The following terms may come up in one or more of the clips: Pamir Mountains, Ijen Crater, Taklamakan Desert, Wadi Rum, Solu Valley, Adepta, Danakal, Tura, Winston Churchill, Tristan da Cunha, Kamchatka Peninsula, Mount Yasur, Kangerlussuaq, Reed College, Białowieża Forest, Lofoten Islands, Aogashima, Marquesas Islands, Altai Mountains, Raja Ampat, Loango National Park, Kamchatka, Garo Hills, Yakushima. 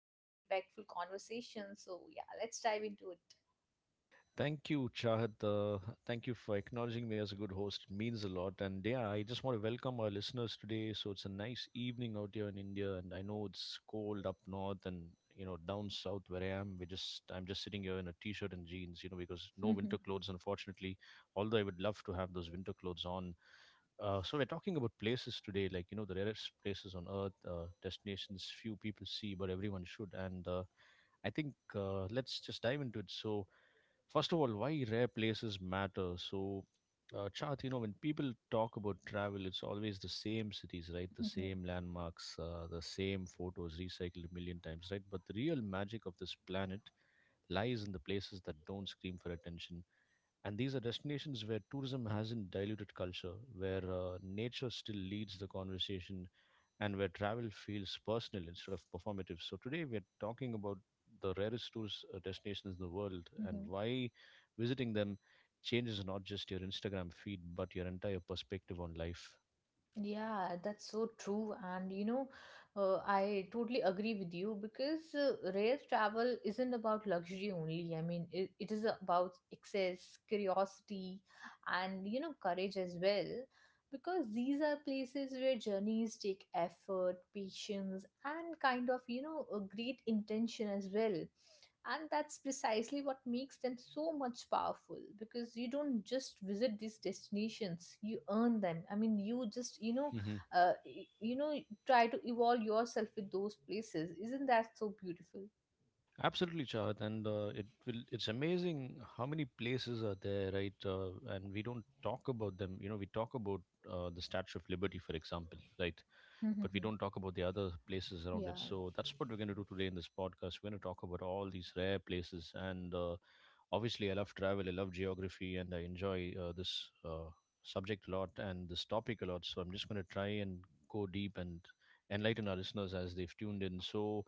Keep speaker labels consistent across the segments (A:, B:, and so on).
A: major impactful conversation. So yeah, let's dive into
B: Thank you, Chahat. Thank you for acknowledging me as a good host. It means a lot. And yeah, I just want to welcome our listeners today. So it's a nice evening out here in India, and I know it's cold up north and you know down south where I am. We just I'm just sitting here in a t-shirt and jeans, you know, because no winter clothes, unfortunately. Although I would love to have those winter clothes on. So we're talking about places today, like you know the rarest places on earth, destinations few people see, but everyone should. And I think Let's just dive into it. So first of all, why rare places matter. So, Chath, you know, when people talk about travel, it's always the same cities, right? The
A: it.
B: same landmarks, the same photos recycled a million times, right? But the real magic of this planet lies in the places that don't scream for attention. And these are destinations where tourism hasn't diluted culture, where nature still leads the conversation, and where travel feels personal instead of performative. So today we are talking about the rarest tourist destinations in the world and why visiting them changes not just your Instagram feed but your entire perspective on life.
A: Yeah, that's so true. I totally agree with you because rail travel isn't about luxury only. I mean, it is about excess, curiosity, and courage as well. Because these are places where journeys take effort, patience, and kind of, a great intention as well, and that's precisely what makes them so much powerful, because you don't just visit these destinations, you earn them I mean you just you know
B: hmm
A: uh, y- you know Try to evolve yourself with those places. Isn't that so beautiful?
B: Absolutely, Chahat, and it will. It's amazing how many places are there, right? And we don't talk about them. You know, we talk about the Statue of Liberty, for example, right? But we
A: Mhm.
B: don't talk about the other places around it.
A: Yeah.
B: So that's what we're going to do today in this podcast. We're going to talk about all these rare places. And Obviously, I love travel, I love geography, and I enjoy this subject a lot and this topic a lot. So I'm just going to try and go deep and enlighten our listeners as they've tuned in. So,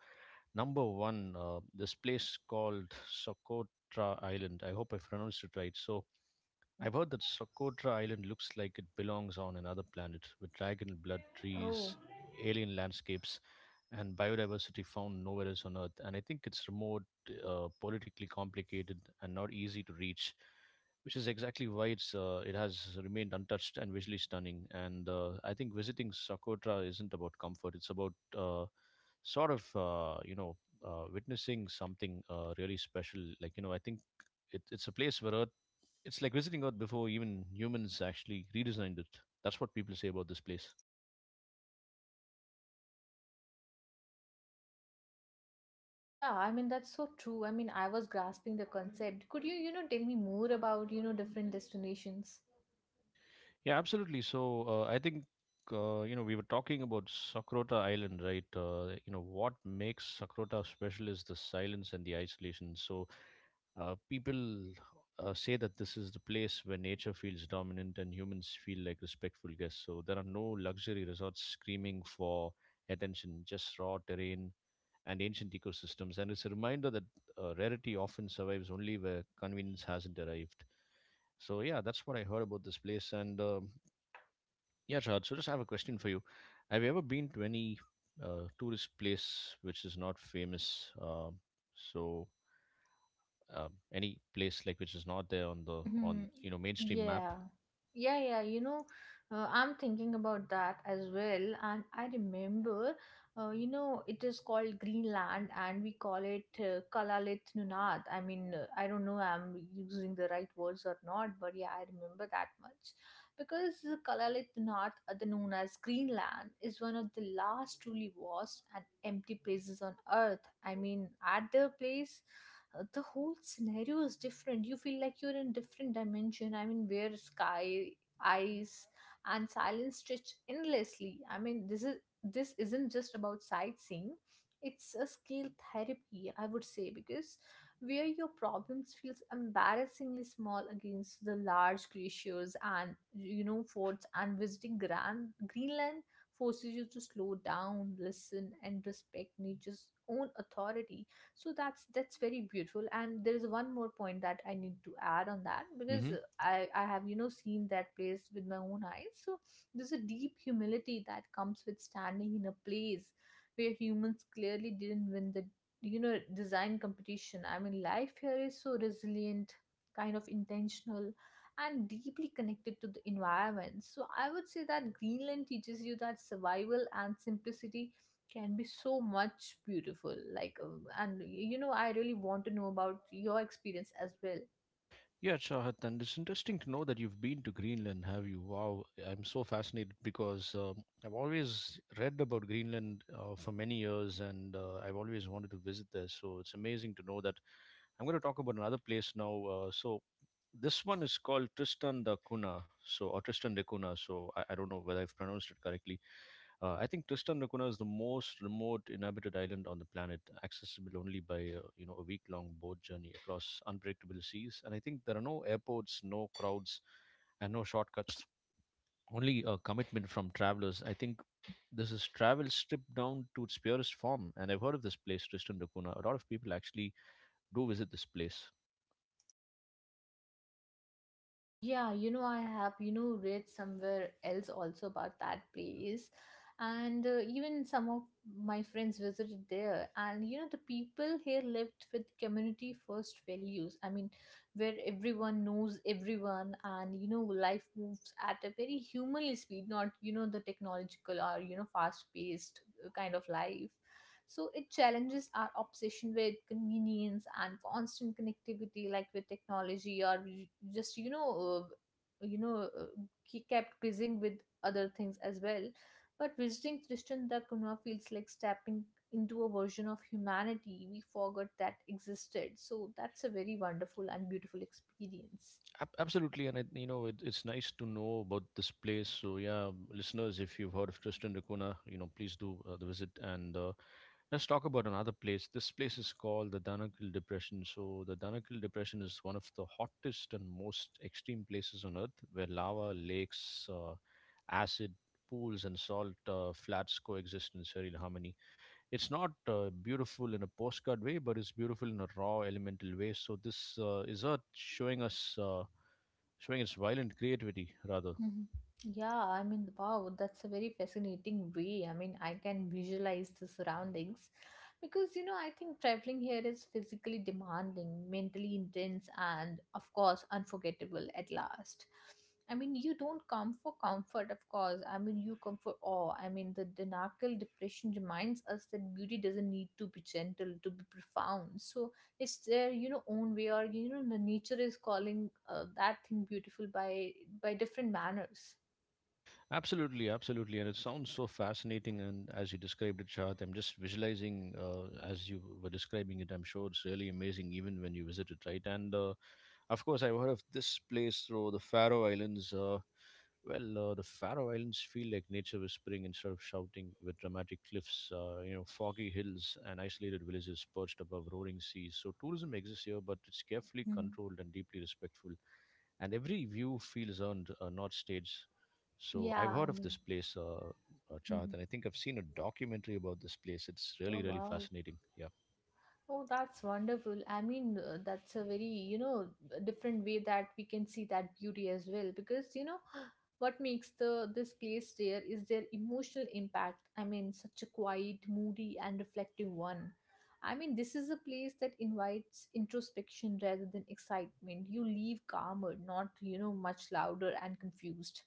B: number one, this place called Socotra Island. I hope I pronounced it right. So,
A: Mhm.
B: I've heard that Socotra Island looks like it belongs on another planet with dragon blood
A: Oh,
B: trees, alien landscapes, and biodiversity found nowhere else on Earth. And I think it's remote, politically complicated, and not easy to reach, which is exactly why it has remained untouched and visually stunning. And I think visiting Socotra isn't about comfort; it's about sort of uh, you know witnessing something really special. It's a place where Earth it's like visiting Earth before even humans actually redesigned it. That's what people say about this place.
A: yeah, I mean that's so true. I mean, I was grasping the concept. Could you you know tell me more about different destinations?
B: Yeah, absolutely. So I think you know, we were talking about Sakrota Island, right? You know what makes Sakrota special is the silence and the isolation. So people say that this is the place where nature feels dominant and humans feel like respectful guests. So there are no luxury resorts screaming for attention, just raw terrain and ancient ecosystems. And it's a reminder that rarity often survives only where convenience hasn't arrived. So yeah, that's what I heard about this place. And Yeah, Chad, so just have a question for you. Have you ever been to any tourist place which is not famous? So any place which is not there on the
A: Mm-hmm.
B: on you know, mainstream map?
A: Yeah. Yeah, you know, I'm thinking about that as well. And I remember, it is called Greenland, and we call it Kalalit Nunad. I mean, I don't know I'm using the right words or not, but yeah, I remember that much. Because Kalalit Nunad, other known as Greenland, is one of the last truly vast and empty places on Earth. I mean, at the place, the whole scenario is different. You feel like you're in different dimension, I mean, where sky, ice, and silence stretch endlessly. I mean, this is this isn't just about sightseeing, it's a skill therapy, I would say, because where your problems feels embarrassingly small against the large glaciers and, you know, forts. And visiting grand Greenland forces you to slow down, listen, and respect nature's own authority. So that's very beautiful, and there is one more point that I need to add on that, because
B: Mm-hmm.
A: I have, you know, seen that place with my own eyes. So there's a deep humility that comes with standing in a place where humans clearly didn't win the, you know, design competition. I mean, life here is so resilient, kind of intentional, and deeply connected to the environment. So I would say that Greenland teaches you that survival and simplicity can be so much beautiful, like and you know I really want to know about your experience as well.
B: Yeah, Chahat, and it's interesting to know that you've been to Greenland, have you? Wow, I'm so fascinated because I've always read about Greenland for many years and I've always wanted to visit there. So it's amazing to know that. I'm going to talk about another place now. This one is called Tristan da Cunha, so or Tristan de Cunha. So I don't know whether I've pronounced it correctly. I think Tristan da Cunha is the most remote inhabited island on the planet, accessible only by you know, a week-long boat journey across unpredictable seas. And I think there are no airports, no crowds, and no shortcuts. Only a commitment from travelers. I think this is travel stripped down to its purest form. And I've heard of this place, Tristan da Cunha. A lot of people actually do visit this place.
A: Yeah, you know, I have, you know, read somewhere else also about that place, and even some of my friends visited there, and you know the people here lived with community first values. I mean, where everyone knows everyone, and you know life moves at a very humanly speed, not, you know, the technological or, you know, fast paced kind of life. So it challenges our obsession with convenience and constant connectivity, like with technology, or we just, uh, you know, uh, kept busy with other things as well. But visiting Tristan da Cunha feels like stepping into a version of humanity we forgot that existed. So that's a very wonderful and beautiful experience.
B: Absolutely, and it's nice to know about this place. So yeah, listeners, if you've heard of Tristan da Cunha, you know please do the visit. And Let's talk about another place. This place is called the Danakil Depression. So the Danakil Depression is one of the hottest and most extreme places on Earth, where lava, lakes, acid pools, and salt flats coexist in serene harmony. It's not beautiful in a postcard way, but it's beautiful in a raw, elemental way. So this is Earth showing us. Showing its violent creativity rather.
A: Mhm. Yeah, I mean, wow, that's a very fascinating way. I mean, I can visualize the surroundings because, you know, I think traveling here is physically demanding, mentally intense, and of course, unforgettable at last. I mean, you don't come for comfort, of course. I mean, you come for awe. I mean, the Danakal depression reminds us that beauty doesn't need to be gentle, to be profound. So, it's their, you know, own way, or you know the nature is calling, that thing beautiful by different manners.
B: Absolutely, absolutely, and it sounds so fascinating, and as you described it, Shahad, I'm just visualizing as you were describing it. I'm sure it's really amazing even when you visit it, right? And of course, I've heard of this place through the Faroe Islands. The Faroe Islands feel like nature whispering instead of shouting, with dramatic cliffs, you know, foggy hills, and isolated villages perched above roaring seas. So tourism exists here, but it's carefully
A: Mhm.
B: controlled and deeply respectful. And every view feels earned, not staged. So I've
A: Yeah, I
B: heard of
A: mean.
B: this place,
A: Mhm.
B: Chahat, and I think I've seen a documentary about this place. It's
A: Oh,
B: really, really
A: wow.
B: fascinating. Yeah,
A: Oh, that's wonderful. I mean, that's a very, you know, different way that we can see that beauty as well. Because, you know, what makes the this place there is their emotional impact. I mean, such a quiet, moody, and reflective one. I mean, this is a place that invites introspection rather than excitement. You leave calmer, not, you know, much louder and confused.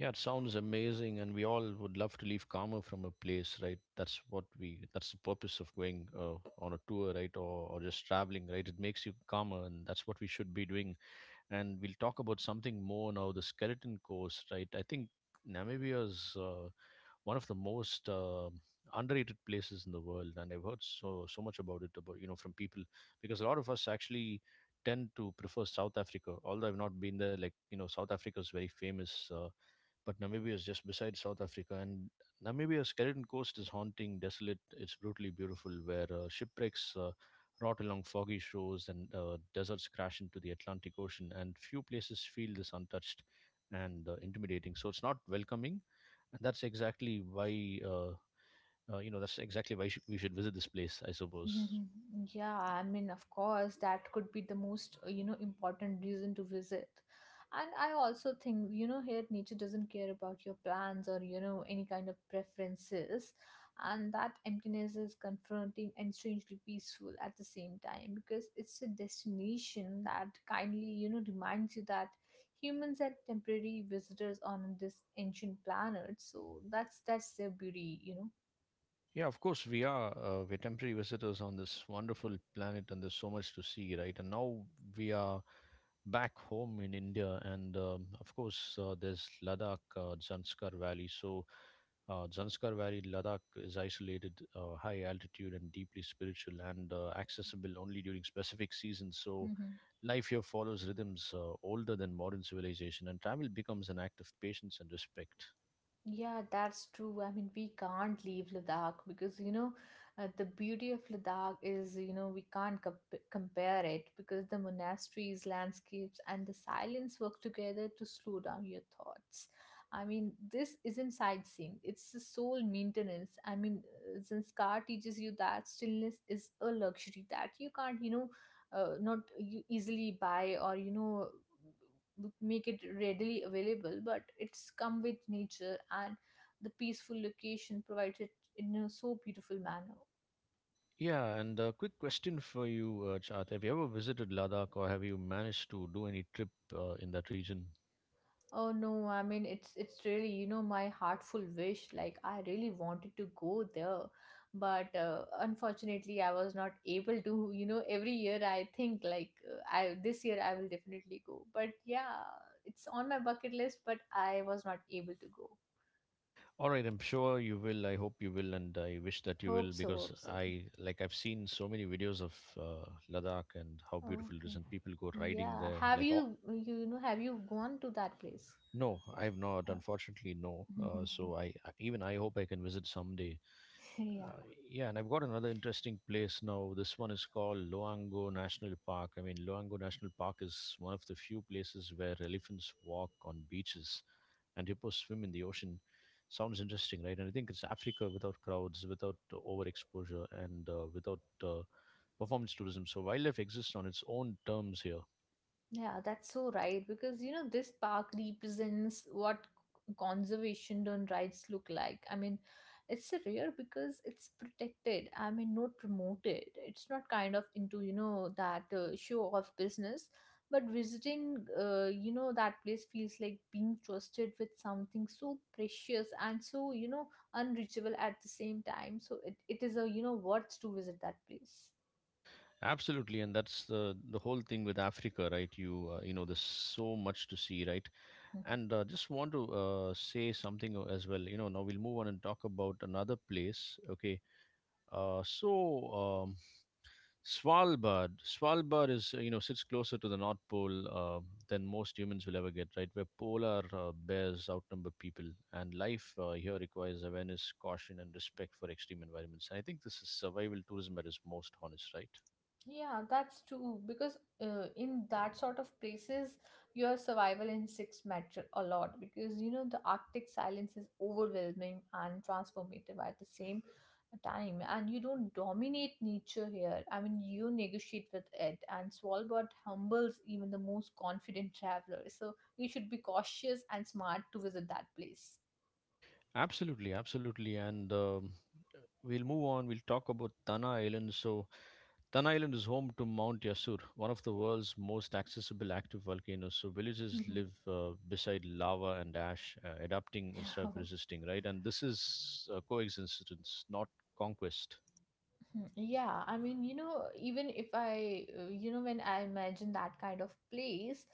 B: yeah, it sounds amazing, and we all would love to leave karma from a place, right? That's what we. That's the purpose of going on a tour, right, or just traveling, right? It makes you calmer, and that's what we should be doing. And we'll talk about something more now. The skeleton course, right? I think Namibia's one of the most underrated places in the world, and I've heard so much about it, about you know, from people, because a lot of us actually tend to prefer South Africa. Although I've not been there, like you know, South Africa is very famous. But Namibia is just beside South Africa, and Namibia's Skeleton Coast is haunting, desolate. It's brutally beautiful, where shipwrecks rot along foggy shores and deserts crash into the Atlantic Ocean, and few places feel this untouched and intimidating. So it's not welcoming, and that's exactly why we should visit this place, I suppose.
A: Mhm. Yeah, I mean, of course, that could be the most, you know, important reason to visit. And I also think, you know, here nature doesn't care about your plans or, you know, any kind of preferences. And that emptiness is confronting and strangely peaceful at the same time, because it's a destination that kindly, you know, reminds you that humans are temporary visitors on this ancient planet. So that's their beauty, you know.
B: Yeah, of course we are. We're temporary visitors on this wonderful planet, and there's so much to see, right? And now we are back home in India, and of course there's Ladakh, Zanskar Valley. So Zanskar Valley, Ladakh is isolated, high altitude, and deeply spiritual, and accessible only during specific seasons. So
A: Mm-hmm.
B: life here follows rhythms older than modern civilization, and travel becomes an act of patience and respect.
A: Yeah, that's true. I mean, we can't leave Ladakh because, you know, the beauty of Ladakh is, you know, we can't comp- compare it, because the monasteries, landscapes, and the silence work together to slow down your thoughts. I mean, this isn't sightseeing, it's the soul maintenance. I mean, Sanskar teaches you that stillness is a luxury that you can't, you know, not you easily buy, or you know make it readily available, but it's come with nature, and the peaceful location provides it in a so beautiful manner.
B: Yeah, and a quick question for you, Chat. Have you ever visited Ladakh or have you managed to do any trip in that region?
A: Oh no, I mean, it's really, you know, my heartful wish. Like, I really wanted to go there, but unfortunately I was not able to. You know, every year I think like, I this year I will definitely go, but yeah, it's on my bucket list, but I was not able to go.
B: All right, I'm sure you will. I hope you will, and I wish that you will,
A: Hope so,
B: because
A: hope so.
B: I've seen so many videos of uh, Ladakh and how beautiful it is,
A: Okay.
B: and people go riding
A: Yeah.
B: there.
A: Have you, you know, have you gone to that place?
B: No, I have not. Unfortunately, no.
A: Uh,
B: So even I hope I can visit someday.
A: yeah.
B: Uh, yeah, and I've got another interesting place now. This one is called Loango National Park. I mean, Loango National Park is one of the few places where elephants walk on beaches and hippos swim in the ocean. Sounds interesting, right? And I think it's Africa without crowds, without overexposure, and without uh, performance tourism. So wildlife exists on its own terms here.
A: Yeah, that's so right, because you know this park represents what conservation done rights look like. I mean, it's rare because it's protected. I mean, not promoted. It's not kind of into, you know, that show of business, but visiting, you know, that place feels like being trusted with something so precious and so, you know, unreachable at the same time. So it is a, you know, worth to visit that place.
B: Absolutely, and that's the whole thing with Africa, right? You know, there's so much to see, right?
A: Mm-hmm.
B: And just want to say something as well. You know, now we'll move on and talk about another place. Okay. Uh, so, um, Svalbard. Svalbard you know, sits closer to the North Pole than most humans will ever get, right? Where polar bears outnumber people. And life here requires awareness, caution, and respect for extreme environments. And I think this is survival tourism at its most honest, right?
A: Yeah, that's true. Because in that sort of places, your survival instincts matter a lot. Because you know the Arctic silence is overwhelming and transformative at the same time, and you don't dominate nature here. I mean, you negotiate with it, and Svalbard humbles even the most confident traveler. So you should be cautious and smart to visit that place.
B: Absolutely. Absolutely. And We'll move on. We'll talk about Tana Island. So, Tan Island is home to Mount Yasur, one of the world's most accessible active volcanoes. So villages live beside lava and ash, adapting instead of resisting, right? And this is a coexistence, not conquest.
A: Hmm. Yeah, I mean, you know, even if I, you know, when I imagine that kind of place,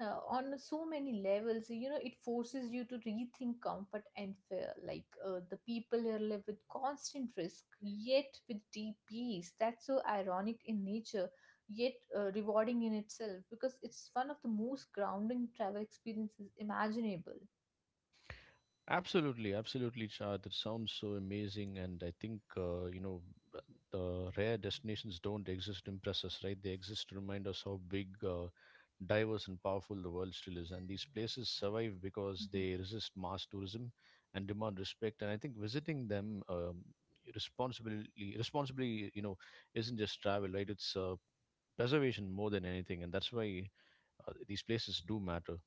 A: on so many levels, you know, it forces you to rethink comfort and fear. Like, the people here live with constant risk, yet with deep peace. That's so ironic in nature, yet rewarding in itself, because it's one of the most grounding travel experiences imaginable.
B: Absolutely, absolutely, Shah. That sounds so amazing, and I think b- the rare destinations don't exist to impress us, right? They exist to remind us how big, diverse, and powerful the world still is. And these places survive because
A: Mm-hmm.
B: they resist mass tourism and demand respect. And I think visiting them responsibly, responsibly, isn't just travel, right? It's preservation more than anything, and that's why these places do matter.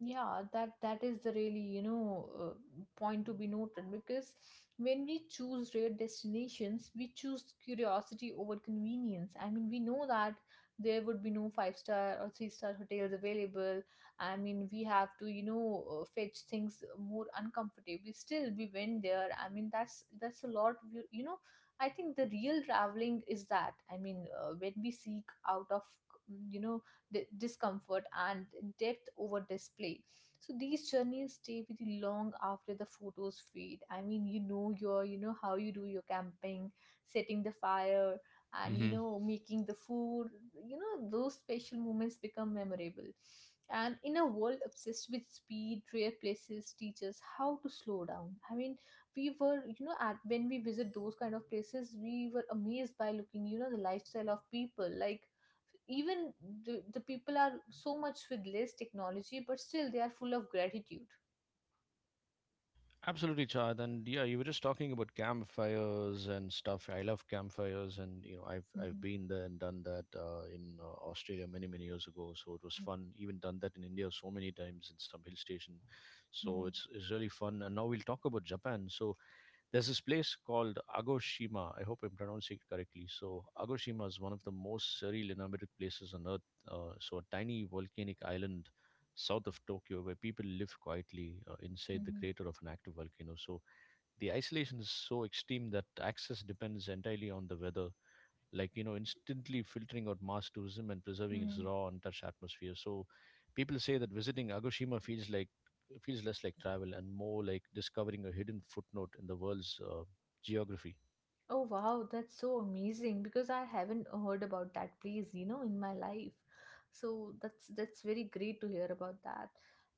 A: Yeah, that, that is the really, you know, point to be noted, because when we choose rare destinations, we choose curiosity over convenience. I mean, we know that there would be no five star or three-star hotels available. I mean, we have to, you know, fetch things more uncomfortably, still we went there. I mean, that's a lot, we, you know, I think the real traveling is that. I mean, when we seek out of, you know, discomfort and depth over display. So these journeys stay with you long after the photos fade. I mean, you know, your, you know, how you do your camping, setting the fire, and you know making the food, you know, those special moments become memorable. And in a world obsessed with speed, rare places teach us how to slow down. I mean, we were, you know, at when we visit those kind of places, we were amazed by looking, you know, the lifestyle of people. Like, even the people are so much with less technology, but still they are full of gratitude.
B: Absolutely, Chad. And yeah, you were just talking about campfires and stuff. I love campfires, and you know, I've
A: Mm-hmm.
B: been there and done that in Australia many many years ago. So it was fun. Even done that in India so many times in some hill station. So
A: Mm-hmm.
B: it's really fun. And now we'll talk about Japan. So there's this place called Agoshima. I hope I'm pronouncing it correctly. So, Agoshima is one of the most surreal and inhabited places on Earth. So, a tiny volcanic island south of Tokyo where people live quietly inside the
A: Mm-hmm.
B: crater of an active volcano. So, the isolation is so extreme that access depends entirely on the weather, like you know, instantly filtering out mass tourism and preserving its
A: Mm-hmm.
B: raw untouched atmosphere. So people say that visiting agoshima feels less like travel and more like discovering a hidden footnote in the world's geography.
A: Oh wow, that's so amazing, because I haven't heard about that place, you know, in my life. So that's very great to hear about that.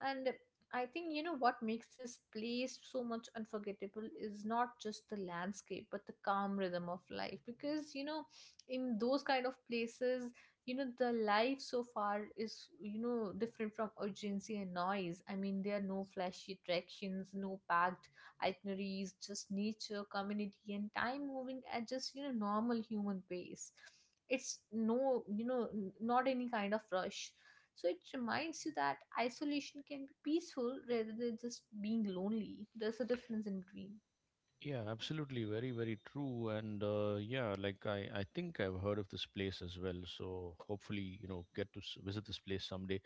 A: And I think you know what makes this place so much unforgettable is not just the landscape but the calm rhythm of life, because you know in those kind of places, you know the life so far is, you know, different from urgency and noise. I mean, there are no flashy attractions, no packed itineraries, just nature, community, and time moving at just, you know, normal human pace. It's no, not any kind of rush. So it reminds you that isolation can be peaceful rather than just being lonely. There's a difference in between.
B: Yeah, absolutely. Very, very true. And yeah, like I think I've heard of this place as well. So hopefully, you know, get to visit this place someday.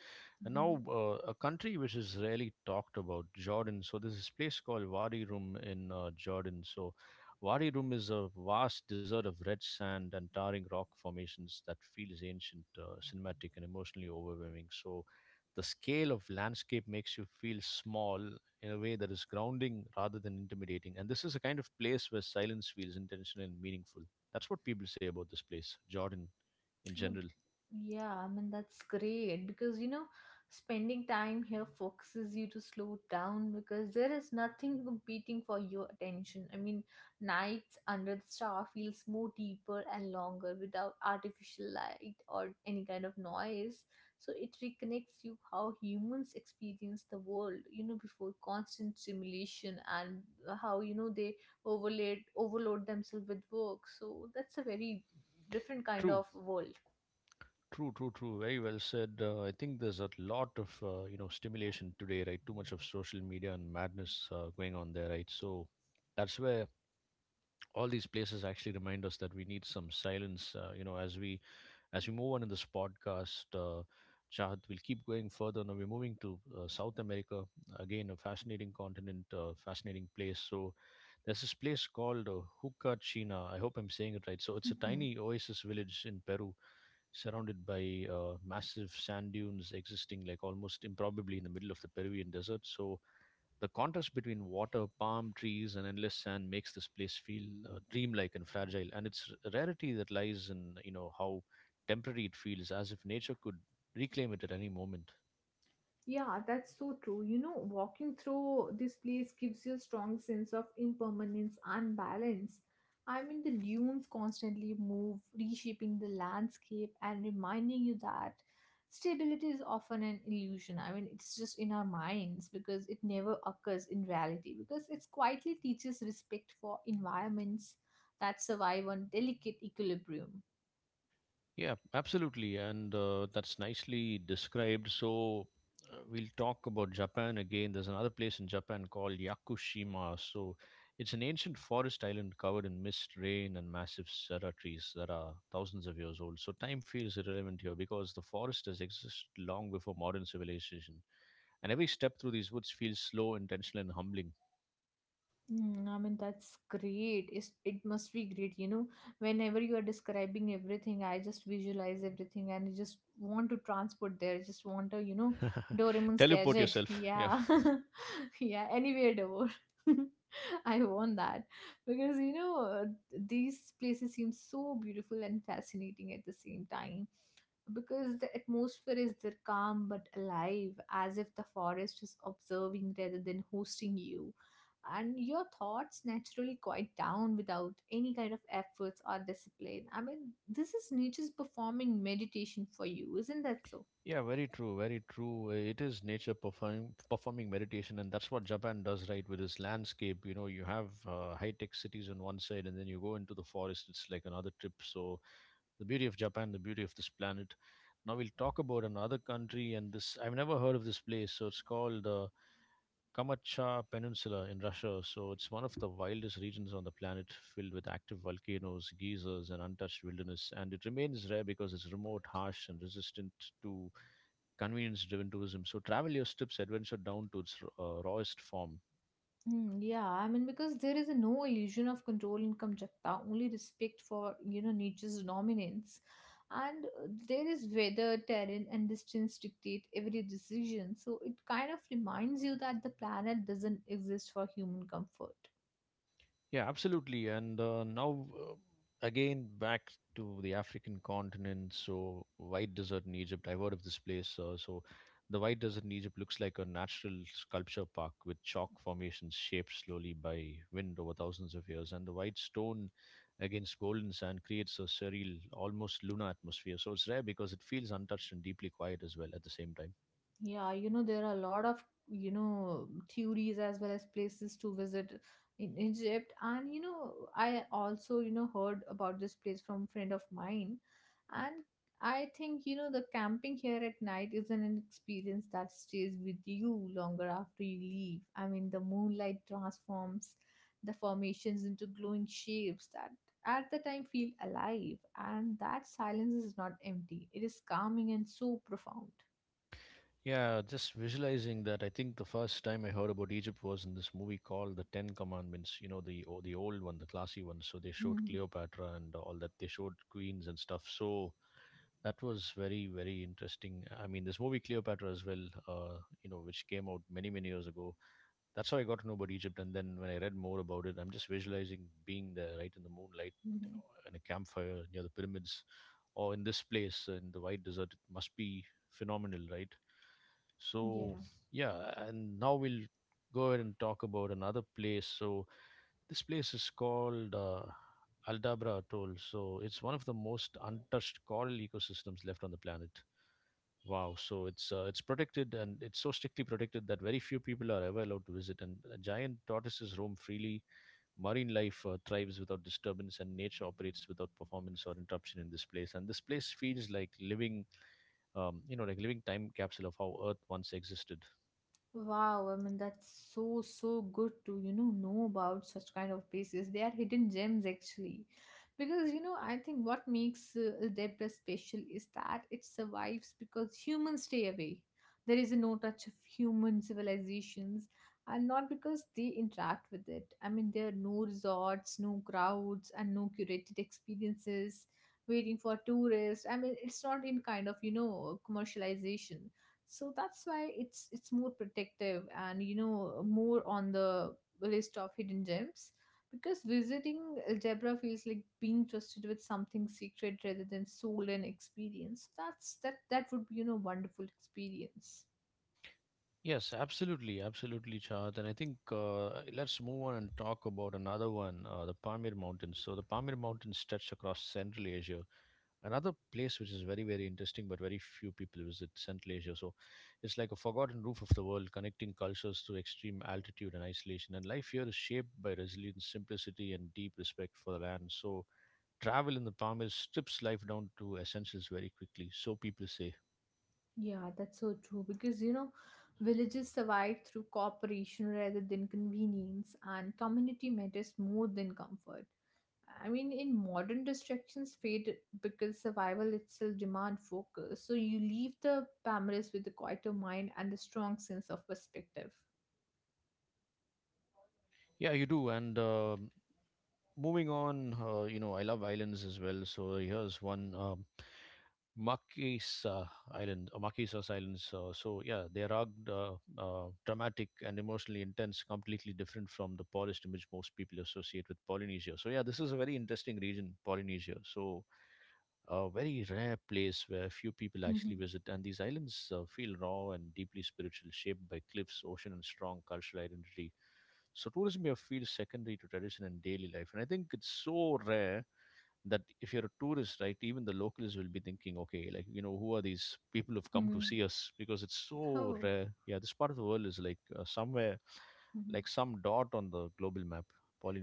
B: And
A: Hmm.
B: now, a country which is rarely talked about, Jordan. So there's this place called Wadi Rum in Jordan. So Wadi Rum is a vast desert of red sand and towering rock formations that feels ancient, cinematic, and emotionally overwhelming. So the scale of landscape makes you feel small in a way that is grounding rather than intimidating. And this is a kind of place where silence feels intentional and meaningful. That's what people say about this place, Jordan in general.
A: Yeah, I mean, that's great, because you know, spending time here focuses you to slow down, because there is nothing competing for your attention. I mean, nights under the star feels more deeper and longer without artificial light or any kind of noise. So it reconnects you how humans experience the world, you know, before constant stimulation and how, you know, they overload themselves with work. So that's a very different kind
B: True,
A: of world.
B: true. Very well said. I think there's a lot of you know, stimulation today, right? Too much of social media and madness going on there, right? So that's where all these places actually remind us that we need some silence. As we move on in this podcast, Chahat, we'll keep going further. Now we're moving to South America. Again, a fascinating continent, fascinating place. So there's this place called Hucachina. I hope I'm saying it right. So it's a tiny oasis village in Peru surrounded by massive sand dunes existing like almost improbably in the middle of the Peruvian desert. So the contrast between water, palm trees, and endless sand makes this place feel dreamlike and fragile. And its rarity that lies in you know how temporary it feels, as if nature could reclaim it at any moment.
A: Yeah, that's so true. You know, walking through this place gives you a strong sense of impermanence and balance. I mean, the dunes constantly move, reshaping the landscape and reminding you that stability is often an illusion. I mean, it's just in our minds because it never occurs in reality, because it quietly teaches respect for environments that survive on delicate equilibrium.
B: Yeah, absolutely. And that's nicely described. So we'll talk about Japan again. There's another place in Japan called Yakushima. So it's an ancient forest island covered in mist, rain, and massive cedar trees that are thousands of years old. So time feels irrelevant here because the forest has existed long before modern civilization. And every step through these woods feels slow, intentional, and humbling.
A: I mean, that's great. It must be great. You know, whenever you are describing everything, I just visualize everything and I just want to transport there. I just want to, Doraemon's
B: Teleport
A: gadget.
B: yourself. Yeah.
A: Yeah. Yeah, anywhere door. I want that because, these places seem so beautiful and fascinating at the same time because the atmosphere is there calm but alive as if the forest is observing rather than hosting you and your thoughts naturally quiet down without any kind of efforts or discipline. I mean, this is nature's performing meditation for you, isn't that so?
B: Yeah, very true, very true. It is nature performing meditation, and that's what Japan does, right? With its landscape, you know, you have high tech cities on one side, and then you go into the forest. It's like another trip. So the beauty of Japan, the beauty of this planet. Now we'll talk about another country, and this I've never heard of this place. So it's called Kamachaw Peninsula in Russia. So it's one of the wildest regions on the planet, filled with active volcanoes, geysers, and untouched wilderness. And it remains rare because it's remote, harsh, and resistant to convenience-driven tourism. So travel your Strip's adventure down to its rawest form.
A: Yeah, I mean, because there is a no illusion of control in Kamchatka, only respect for, you know, nature's dominance. And there is weather, terrain, and distance dictate every decision. So it kind of reminds you that the planet doesn't exist for human comfort.
B: Yeah, absolutely. And now, again back to the African continent. So White Desert in Egypt. I've heard of this place. So the White Desert in Egypt looks like a natural sculpture park with chalk formations shaped slowly by wind over thousands of years, and the white stone against golden sand creates a surreal, almost lunar atmosphere. So it's rare because it feels untouched and deeply quiet as well at the same time.
A: Yeah, you know, there are a lot of, you know, theories as well as places to visit in Egypt. And, you know, I also, you know, heard about this place from a friend of mine. And I think, you know, the camping here at night is an experience that stays with you longer after you leave. I mean, the moonlight transforms the formations into glowing shapes that at the time feel alive. And that silence is not empty, it is calming and so profound.
B: Yeah, just visualizing that. I think the first time I heard about Egypt was in this movie called The Ten Commandments. You know, the the old one, the classy one. So they showed Cleopatra and all that. They showed queens and stuff. So that was very very interesting. I mean, this movie Cleopatra as well. You know, which came out many many years ago. That's how I got to know about Egypt. And then when I read more about it, I'm just visualizing being there, right in the moonlight,
A: Hmm.
B: in a campfire near the pyramids, or in this place in the white desert. It must be phenomenal, right? So,
A: Yeah.
B: yeah, and now we'll go ahead and talk about another place. So, this place is called Aldabra Atoll. So, it's one of the most untouched coral ecosystems left on the planet. Wow, so it's protected, and it's so strictly protected that very few people are ever allowed to visit. And giant tortoises roam freely. Marine life thrives without disturbance, and nature operates without performance or interruption in this place. And this place feels like like living time capsule of how Earth once existed.
A: Wow. I mean, that's so, so good to, you know about such kind of places. They are hidden gems, actually. Because, you know, I think what makes Adepta special is that it survives because humans stay away. There is a no touch of human civilizations, and not because they interact with it. I mean, there are no resorts, no crowds, and no curated experiences waiting for tourists. I mean, it's not in kind of, you know, commercialization, so that's why it's more protective, and you know, more on the list of hidden gems because visiting algebra feels like being trusted with something secret rather than soul and experience. That would be, you know, wonderful experience.
B: Yes, absolutely, absolutely, Chad. And I think let's move on and talk about another one, the Pamir Mountains. So the Pamir Mountains stretch across Central Asia. Another place which is very, very interesting, but very few people visit Central Asia. So it's like a forgotten roof of the world, connecting cultures through extreme altitude and isolation. And life here is shaped by resilience, simplicity, and deep respect for the land. So travel in the palm is strips life down to essentials very quickly. So people say.
A: Yeah, that's so true because you know, villages survive through cooperation rather than convenience, and community matters more than comfort. I mean, in modern distractions fade because survival itself demand focus. So you leave the Palmaris with a quieter mind and a strong sense of perspective.
B: Yeah, you do. And moving on, you know, I love islands as well. So here's one. Marquis uh, Marquesas Islands. So yeah, they are rugged, uh, dramatic, and emotionally intense. Completely different from the polished image most people associate with Polynesia. So yeah, this is a very interesting region, Polynesia. So a very rare place where few people
A: Mm-hmm.
B: actually visit, and these islands feel raw and deeply spiritual, shaped by cliffs, ocean, and strong cultural identity. So tourism here feels secondary to tradition and daily life, and I think it's so rare that if you're a tourist, right, even the locals will be thinking, okay, like you know, who are these people who've come to
A: Mm-hmm.
B: see us, because it's so
A: Oh.
B: rare. Yeah, this part of the world is like somewhere
A: Mm-hmm.
B: like some dot on the global map.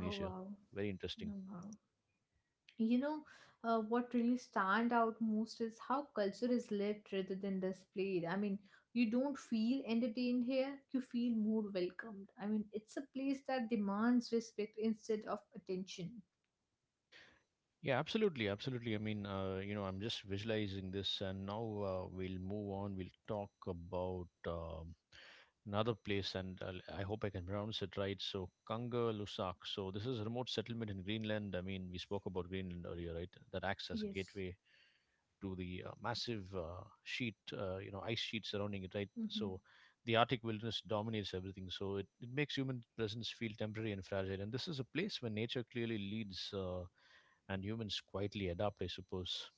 A: Oh, wow.
B: Very interesting.
A: Oh, wow. You know, what really stand out most is how culture is lived rather than displayed. I mean, you don't feel entertained here; you feel more welcomed. I mean, it's a place that demands respect instead of attention.
B: Yeah, absolutely, absolutely. I mean, you know, I'm just visualizing this, and now we'll move on. We'll talk about another place, and I hope I can pronounce it right. So, Kanga Lusak. So, this is a remote settlement in Greenland. I mean, we spoke about Greenland earlier, right? That acts as a
A: Yes.
B: gateway to the massive sheet, you know, ice sheet surrounding it, right? So the Arctic wilderness dominates everything. So it makes human presence feel temporary and fragile. And this is a place where nature clearly leads and humans quietly adapt, I suppose.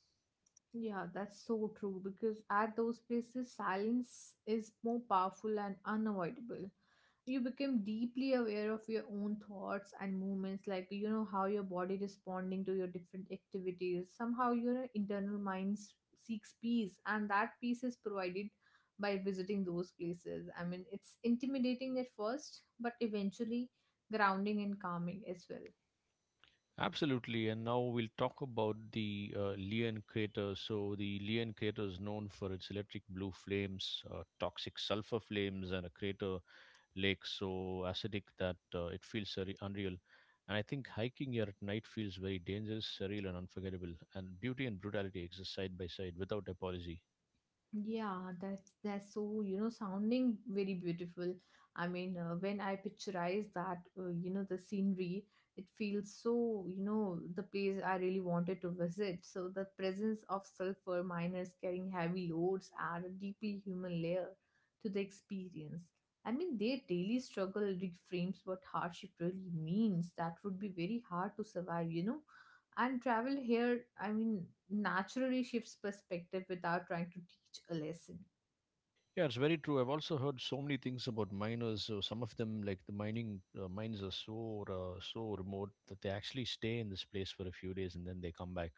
A: Yeah, that's so true because at those places, silence is more powerful and unavoidable. You become deeply aware of your own thoughts and movements, like you know how your body responding to your different activities. Somehow, your internal mind seeks peace, and that peace is provided by visiting those places. I mean, it's intimidating at first, but eventually grounding and calming as well.
B: Absolutely. And now we'll talk about the Leon crater. So, the Leon crater is known for its electric blue flames, toxic sulfur flames, and a crater lake so acidic that it feels unreal. And I think hiking here at night feels very dangerous, surreal, and unforgettable. And beauty and brutality exist side by side without apology.
A: Yeah, that's so you know sounding very beautiful. I mean, when I picturize that, you know, the scenery, it feels so you know the place I really wanted to visit. So the presence of sulfur miners carrying heavy loads add a deeply human layer to the experience. I mean, their daily struggle reframes what hardship really means. That would be very hard to survive, you know, and travel here, I mean, naturally shifts perspective without trying to teach a lesson.
B: Yeah, it's very true. I've also heard so many things about miners. So some of them, like the mining mines, are so so remote that they actually stay in this place for a few days and then they come back.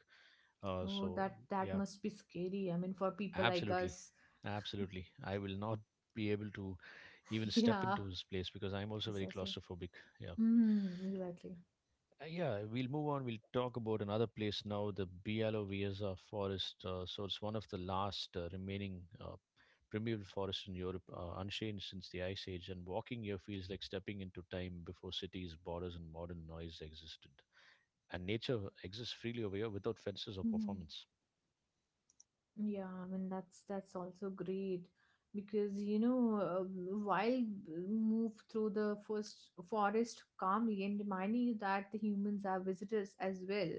A: Oh,
B: So
A: that
B: yeah,
A: must be scary. I mean, for people like
B: absolutely,
A: us.
B: absolutely. I will not be able to even step
A: Yeah,
B: into this place because I'm also very
A: exactly.
B: claustrophobic. Yeah.
A: Mm, exactly.
B: Yeah, we'll move on. We'll talk about another place now, the Bialo Vieza forest. So it's one of the last remaining primeval forests in Europe, unchanged since the Ice Age. And walking here feels like stepping into time before cities, borders, and modern noise existed. And nature exists freely over here without fences or
A: Mhm.
B: performance.
A: Yeah, I mean that's also great because you know while move through the first forest calmly and reminding you that the humans are visitors as well,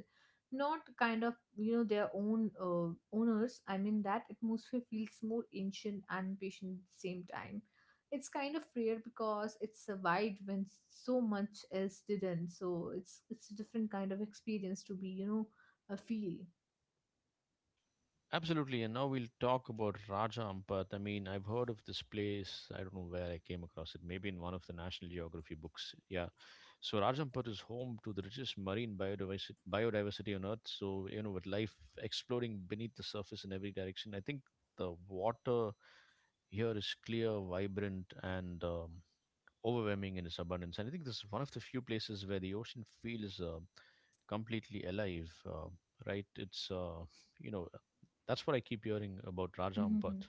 A: not kind of you know their own owners. I mean that atmosphere feels more ancient and patient at the same time. It's kind of rare because it survived when so much else didn't. So it's a different kind of experience to be you know a feel.
B: Absolutely, and now we'll talk about Raja Ampat. I mean, I've heard of this place. I don't know where I came across it. Maybe in one of the National Geography books. Yeah. So Raja Ampat is home to the richest marine biodiversity on Earth. So you know, with life exploring beneath the surface in every direction, I think the water here is clear, vibrant, and overwhelming in its abundance. And I think this is one of the few places where the ocean feels completely alive. Right? It's you know that's what I keep hearing about Raja Ampat.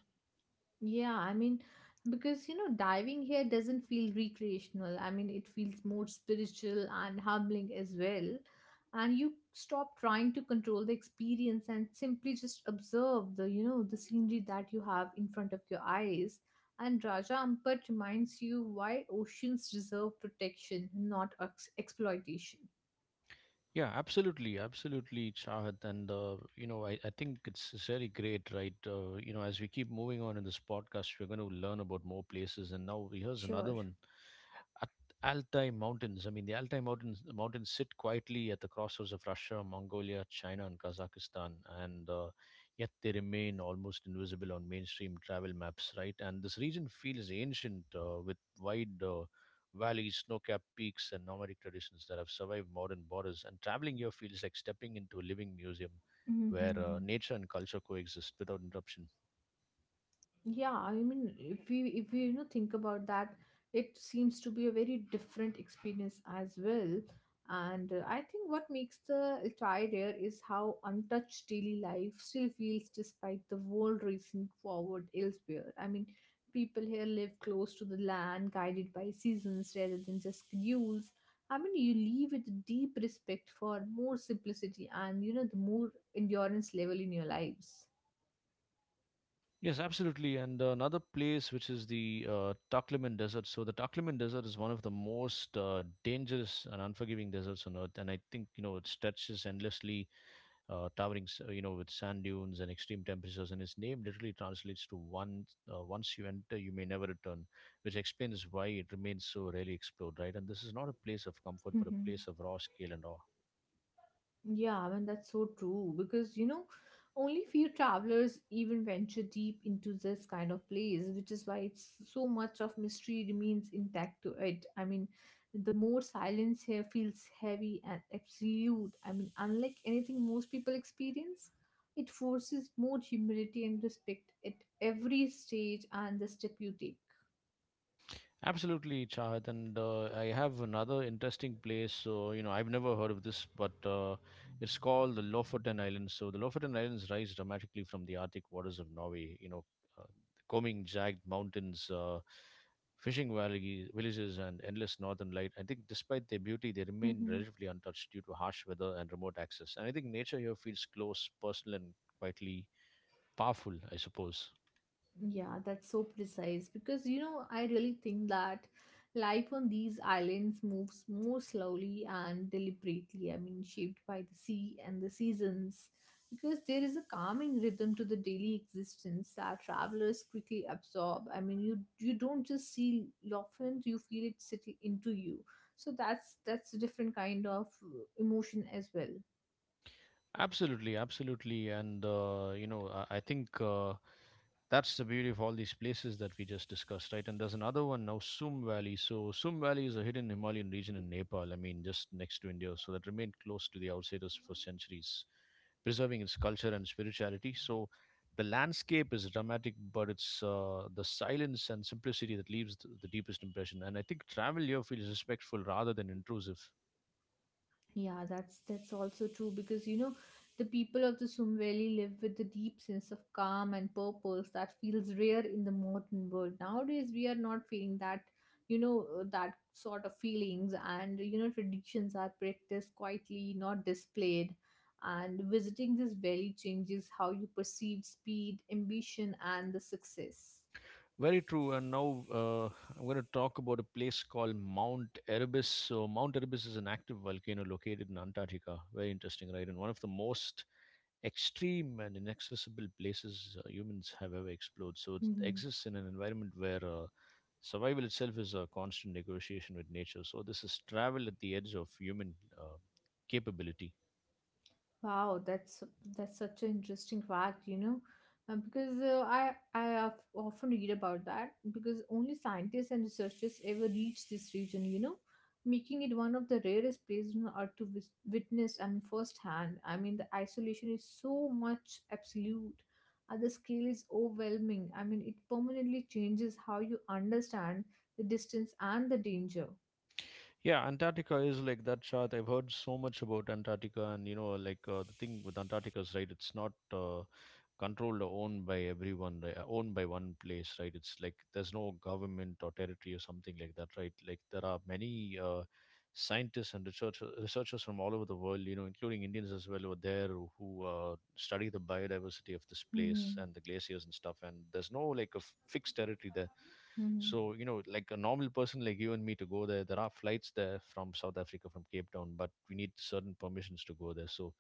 A: Yeah, I mean, because you know, diving here doesn't feel recreational. I mean, it feels more spiritual and humbling as well. And you stop trying to control the experience and simply just observe the, you know, the scenery that you have in front of your eyes. And Raja Ampat reminds you why oceans deserve protection, not exploitation.
B: Yeah, absolutely, absolutely, Chahat. And, you know, I think it's really great, right? You know, as we keep moving on in this podcast, we're going to learn about more places. And now here's another
A: Sure.
B: one at Altai Mountains. I mean, the Altai Mountains, the mountains sit quietly at the crossroads of Russia, Mongolia, China, and Kazakhstan, and yet they remain almost invisible on mainstream travel maps, right? And this region feels ancient with wide valleys, snow-capped peaks, and nomadic traditions that have survived modern borders. And traveling here feels like stepping into a living museum where
A: Hmm.
B: nature and culture coexist without interruption.
A: Yeah, I mean if we you know think about that, it seems to be a very different experience as well. And I think what makes the entire rare is how untouched daily life still feels despite the world racing forward elsewhere. I mean people here live close to the land, guided by seasons rather than just rules. I mean you leave with a deep respect for more simplicity, and you know the more endurance level in your lives.
B: Yes, absolutely. And another place, which is the Taklamakan Desert. So the Taklamakan Desert is one of the most dangerous and unforgiving deserts on Earth. And I think you know it stretches endlessly, you know, with sand dunes and extreme temperatures. And its name literally translates to one. Once you enter, you may never return, which explains why it remains so rarely explored. Right, and this is not a place of comfort, but a place of raw scale and awe.
A: Yeah, I mean, that's so true because, you know, only few travelers even venture deep into this kind of place, which is why it's so much of mystery remains intact to it. I mean, the more silence here feels heavy and absolute. I mean, unlike anything most people experience, it forces more humility and respect at every stage and the step you take.
B: Absolutely, Chahat. And I have another interesting place. So, you know, I've never heard of this, but it's called the Lofoten Islands. So, the Lofoten Islands rise dramatically from the Arctic waters of Norway. You know, uh, the combing jagged mountains, fishing valley, villages, and endless northern light. I think, despite their beauty, they remain
A: Mm-hmm.
B: relatively untouched due to harsh weather and remote access. And I think nature here feels close, personal, and quietly powerful, I suppose.
A: Yeah, that's so precise because you know, I really think that life on these islands moves more slowly and deliberately. I mean, shaped by the sea and the seasons, because there is a calming rhythm to the daily existence that travelers quickly absorb. I mean, you don't just see dolphins; you feel it settle into you. So that's a different kind of emotion as well.
B: Absolutely, absolutely, and you know, I think that's the beauty of all these places that we just discussed, right? And there's another one now, Sum Valley. So, Sum Valley is a hidden Himalayan region in Nepal, I mean, just next to India, so that remained close to the outsiders for centuries, preserving its culture and spirituality. So, the landscape is dramatic, but it's the silence and simplicity that leaves the deepest impression. And I think travel here feels respectful rather than intrusive.
A: Yeah, that's also true because you know the people of the Sum Valley live with a deep sense of calm and purpose that feels rare in the modern world. Nowadays, we are not feeling that you know that sort of feelings, and you know traditions are practiced quietly, not displayed. And visiting this valley changes how you perceive speed, ambition, and the success.
B: Very true. And now I'm going to talk about a place called Mount Erebus. So, Mount Erebus is an active volcano located in Antarctica. Very interesting, right? And one of the most extreme and inaccessible places humans have ever explored. So, it
A: Mm-hmm.
B: exists in an environment where survival itself is a constant negotiation with nature. So, this is travel at the edge of human uh, capability.
A: Wow, that's such an interesting fact, you know, because uh, I have often read about that because only scientists and researchers ever reach this region, you know, making it one of the rarest places on earth to witness and firsthand. I mean, the isolation is so much absolute, and the scale is overwhelming. I mean, it permanently changes how you understand the distance and the danger.
B: Yeah, Antarctica is like that chart. I've heard so much about Antarctica, and you know, like the thing with Antarctica is right. It's not controlled or owned by everyone, right? Owned by one place, right? It's like there's no government or territory or something like that, right? Like there are many scientists and researchers from all over the world, you know, including Indians as well, over are there who study the biodiversity of this place
A: Hmm.
B: and the glaciers and stuff. And there's no like a fixed territory there,
A: Hmm.
B: so you know, like a normal person like you and me to go there, there are flights there from South Africa, from Cape Town, but we need certain permissions to go there. So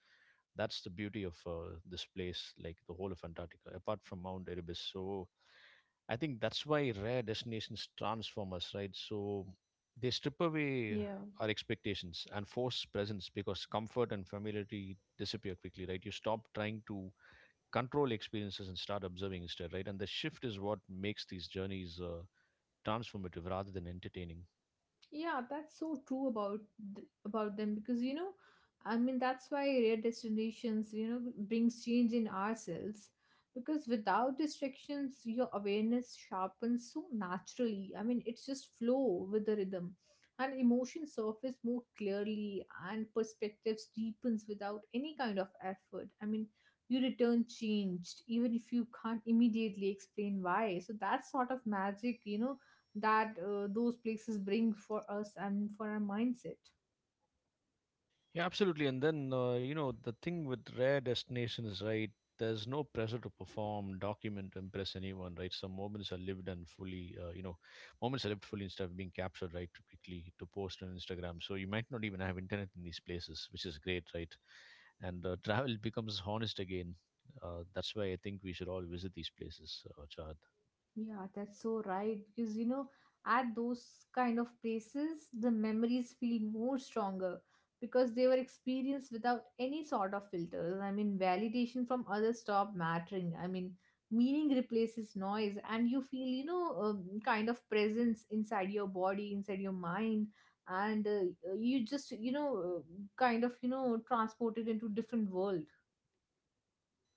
B: that's the beauty of this place, like the whole of Antarctica apart from Mount Erebus. So I think that's why rare destinations transform us, right? So they strip away
A: Yeah.
B: our expectations and force presence because comfort and familiarity disappear quickly, right? You stop trying to control experiences and start observing instead, right? And the shift is what makes these journeys transformative rather than entertaining.
A: Yeah, that's so true about about them because you know, I mean that's why rare destinations you know brings change in ourselves because without distractions your awareness sharpens so naturally. I mean it's just flow with the rhythm, and emotions surface more clearly and perspectives deepens without any kind of effort. I mean you return changed even if you can't immediately explain why. So that sort of magic you know that those places bring for us and for our mindset.
B: Yeah, absolutely. And then, you know, the thing with rare destinations, right? There's no pressure to perform, document, impress anyone, right? Some moments are lived and fully, you know, moments are lived fully instead of being captured, right, too quickly to post on Instagram. So you might not even have internet in these places, which is great, right? And travel becomes honest again. That's why I think we should all visit these places, Chad.
A: Yeah, that's so right. Because, you know, at those kind of places, the memories feel more stronger because they were experienced without any sort of filters. I mean, validation from others stop mattering. I mean, meaning replaces noise, and you feel, you know, kind of presence inside your body, inside your mind. And you just, you know, kind of, you know, transported into different world.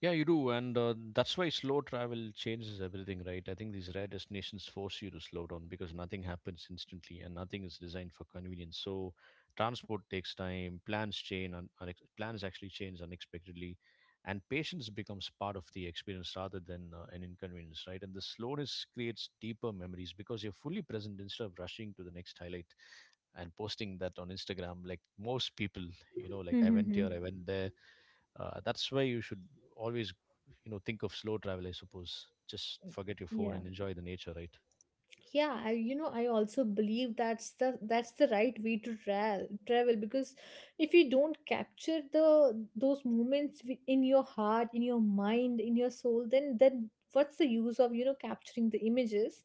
B: Yeah, you do, and that's why slow travel changes everything, right? I think these rare destinations force you to slow down because nothing happens instantly, and nothing is designed for convenience. So, transport takes time, plans change, plans actually change unexpectedly, and patience becomes part of the experience rather than an inconvenience, right? And the slowness creates deeper memories because you're fully present instead of rushing to the next highlight and posting that on Instagram, like most people, you know, like I went here, I went there, that's why you should always, you know, think of slow travel, I suppose. Just forget your phone
A: Yeah,
B: and enjoy the nature, right?
A: yeah. I, you know, I also believe that's the right way to travel. Travel because if you don't capture the those moments in your heart, in your mind, in your soul, then what's the use of you know capturing the images?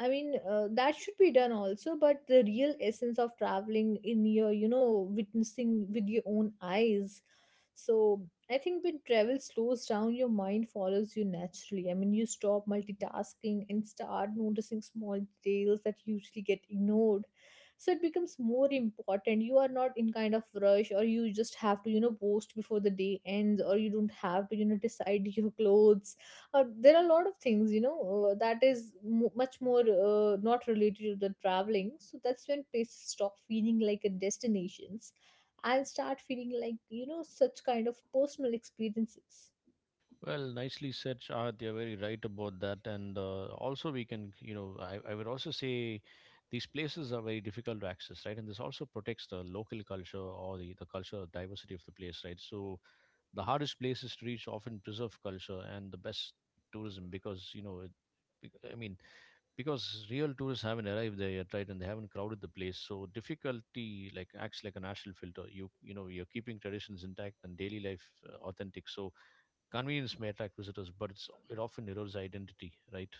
A: I mean, that should be done also, but the real essence of traveling in your you know witnessing with your own eyes, so I think when travel slows down, your mind follows you naturally. I mean, you stop multitasking and start noticing small details that usually get ignored. So it becomes more important. You are not in kind of rush, or you just have to, you know, post before the day ends, or you don't have to, you know, decide your clothes. Or there are a lot of things, you know, that is mo much more not related to the traveling. So that's when places stop feeling like a destination. I'll start feeling like, such kind of personal experiences.
B: Well, nicely said, Shahad. You're very right about that. And also, we can, you know, I would also say these places are very difficult to access, right? And this also protects the local culture or the cultural diversity of the place, right? So, the hardest places to reach often preserve culture and the best tourism because, you know, I mean, because real tourists haven't arrived there yet, right? And they haven't crowded the place. So difficulty like acts like a natural filter. You you know, you're keeping traditions intact and daily life authentic. So convenience may attract visitors, but it often erodes identity, right?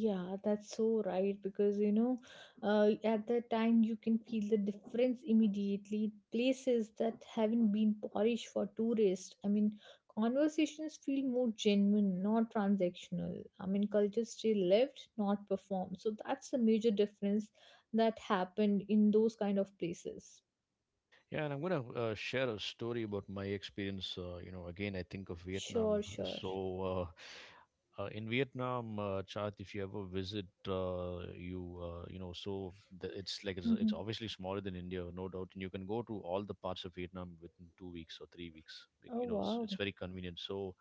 A: Yeah, that's so right because at that time you can feel the difference immediately. Places that haven't been polished for tourists. Conversations feel more genuine, not transactional. Culture still lived, not performed. So that's the major difference that happened in those kind of places.
B: Yeah, and I'm gonna share a story about my experience. You know, again, I think of
A: Sure,
B: Vietnam.
A: sure.
B: So, in Vietnam, Chad, if you ever visit, you know, so it's like it's
A: Mm-hmm.
B: obviously smaller than India, no doubt, and you can go to all the parts of Vietnam within 2 weeks or 3 weeks. Like,
A: Oh,
B: you know, it's
A: wow.
B: it's very convenient. So,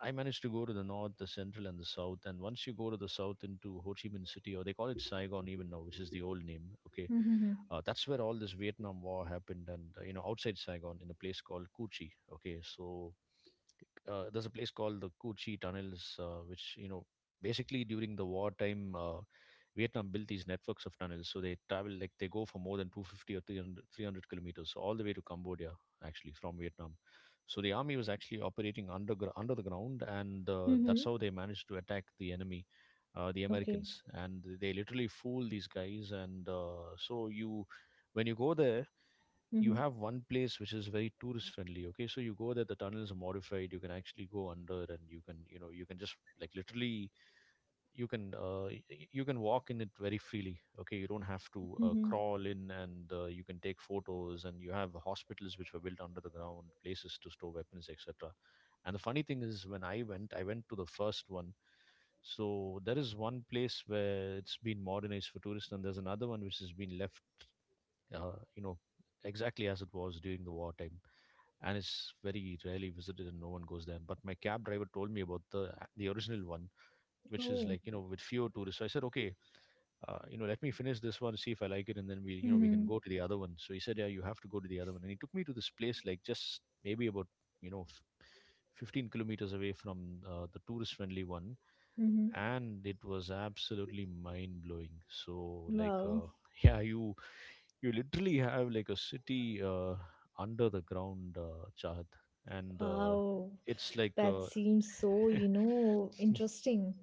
B: I managed to go to the north, the central, and the south. And once you go to the south into Ho Chi Minh City, or they call it Saigon even now, which is the old name. Okay,
A: Mm-hmm.
B: that's where all this Vietnam War happened, and you know, outside Saigon in a place called Coochie. Okay, so there's a place called the Coochie tunnels, which you know basically during the wartime, Vietnam built these networks of tunnels, so they travel, like they go for more than 250 or 300 kilometers all the way to Cambodia, actually from Vietnam. So the army was actually operating under the ground, and that's
A: Mm-hmm.
B: how they managed to attack the enemy. The
A: Okay.
B: Americans, and they literally fool these guys, and so you, when you go there, you
A: Mhm,
B: have one place which is very tourist friendly. Okay, so you go there, the tunnel is modified, you can actually go under, and you can, you know, you can just like literally you can you can walk in it very freely. Okay, you don't have to
A: mhm.
B: crawl in, and you can take photos, and you have hospitals which were built under the ground, places to store weapons, etc. And the funny thing is when I went to the first one, so there is one place where it's been modernized for tourists, and there's another one which has been left you know, exactly as it was during the wartime, and it's very rarely visited and no one goes there. But my cab driver told me about the original one, which is
A: Oh.
B: like, you know, with fewer tourists. So I said, okay, you know, let me finish this one, see if I like it, and then we, you know, we can
A: Mhm,
B: go to the other one. So he said, yeah, you have to go to the other one, and he took me to this place like just maybe about you know 15 kilometers away from the tourist friendly one,
A: mhm.
B: and it was absolutely mind blowing. So like
A: Wow.
B: yeah, you literally have like a city under the ground, Chad, and
A: Wow.
B: it's like
A: That seems so, interesting.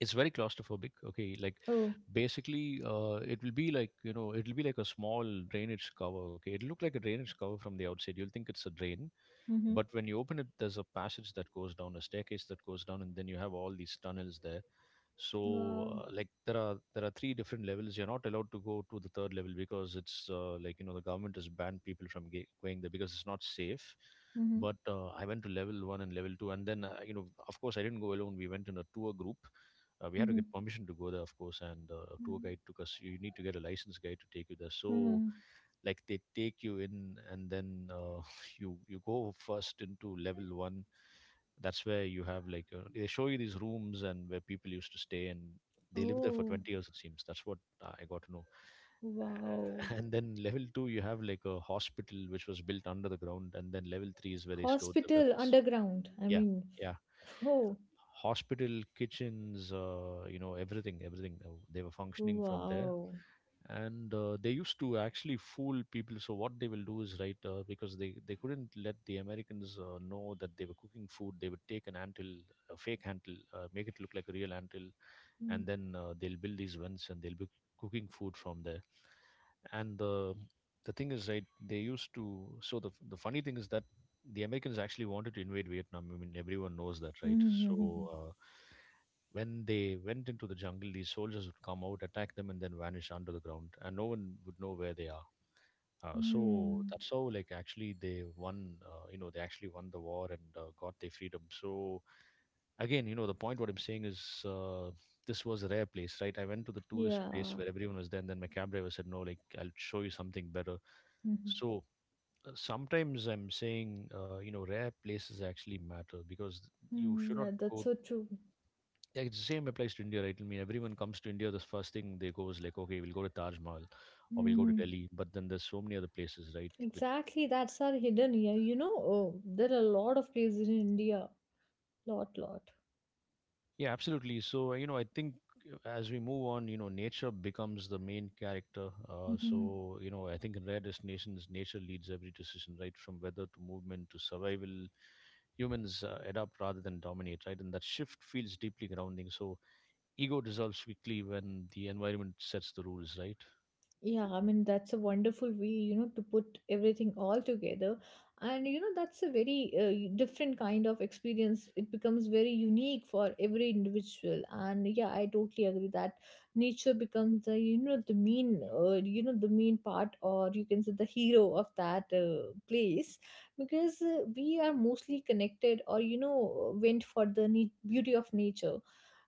B: it's very claustrophobic. Okay, like
A: Oh.
B: basically it will be like it'll be like a small drainage cover. Okay, it'll look like a drainage cover from the outside. You'll think it's a drain,
A: Mm-hmm.
B: but when you open it, there's a passage that goes down, a staircase that goes down, and then you have all these tunnels there. So
A: Wow.
B: like there are three different levels. You're not allowed to go to the third level because it's like the government has banned people from going there because it's not safe.
A: Mm-hmm.
B: But I went to level 1 and level 2, and then you know, of course I didn't go alone. We went in a tour group. We had to
A: Mm-hmm.
B: get permission to go there, of course, and a tour guide took us. You need to get a licensed guide to take you there. So
A: Mm-hmm.
B: like they take you in, and then you go first into level 1. That's where you have like they show you these rooms and where people used to stay, and they lived there for
A: Oh.
B: 20 years, it seems. That's what I got to know.
A: Wow.
B: And then level 2 you have like a hospital which was built under the ground, and then level 3 is where they stored the
A: Hospital
B: weapons.
A: underground.
B: Yeah, yeah,
A: Oh.
B: hospital, kitchens, you know, everything, everything, they were functioning from there.
A: Wow.
B: And they used to actually fool people. So what they will do is, right, because they couldn't let the Americans know that they were cooking food, they would take an antil, a fake antil, make it look like a real antil, and
A: Mm-hmm.
B: then they'll build these vents, and they'll be cooking food from there. And the thing is, right, they used to, so the funny thing is that the Americans actually wanted to invade Vietnam, I mean, everyone knows that, right? So
A: Mm-hmm.
B: when they went into the jungle, these soldiers would come out, attack them, and then vanish under the ground, and no one would know where they are. So that's how, like, actually they won. You know, they actually won the war and got their freedom. So again, you know, the point what I'm saying is, this was a rare place, right? I went to the tourist place
A: Yeah.
B: where everyone was there, and then my cab driver said, "No, like, I'll show you something better."
A: Mm-hmm.
B: So sometimes I'm saying, you know, rare places actually matter because you should not
A: Yeah, that's
B: go.
A: so true.
B: Yeah, it's the same applies to India, right? I mean, everyone comes to India, the first thing they go is like, okay, we'll go to Taj Mahal or we'll go to
A: Mm-hmm.
B: Delhi. But then there's so many other places, right? With,
A: Exactly, that's our hidden here. You know, oh, there are a lot of places in India. Lot, lot.
B: yeah, absolutely. So, you know, I think as we move on, you know, nature becomes the main character. Uh, so, you know, I think in rare destinations, nature leads every decision, right? From weather to movement to survival, humans adapt rather than dominate, right? And that shift feels deeply grounding. So ego dissolves quickly when the environment sets the rules, right?
A: Yeah, I mean, that's a wonderful way, to put everything all together. And, that's a very different kind of experience. It becomes very unique for every individual. And yeah, I totally agree that nature becomes the, the main, the main part, or you can say the hero of that place because we are mostly connected or, you know, went for the beauty of nature.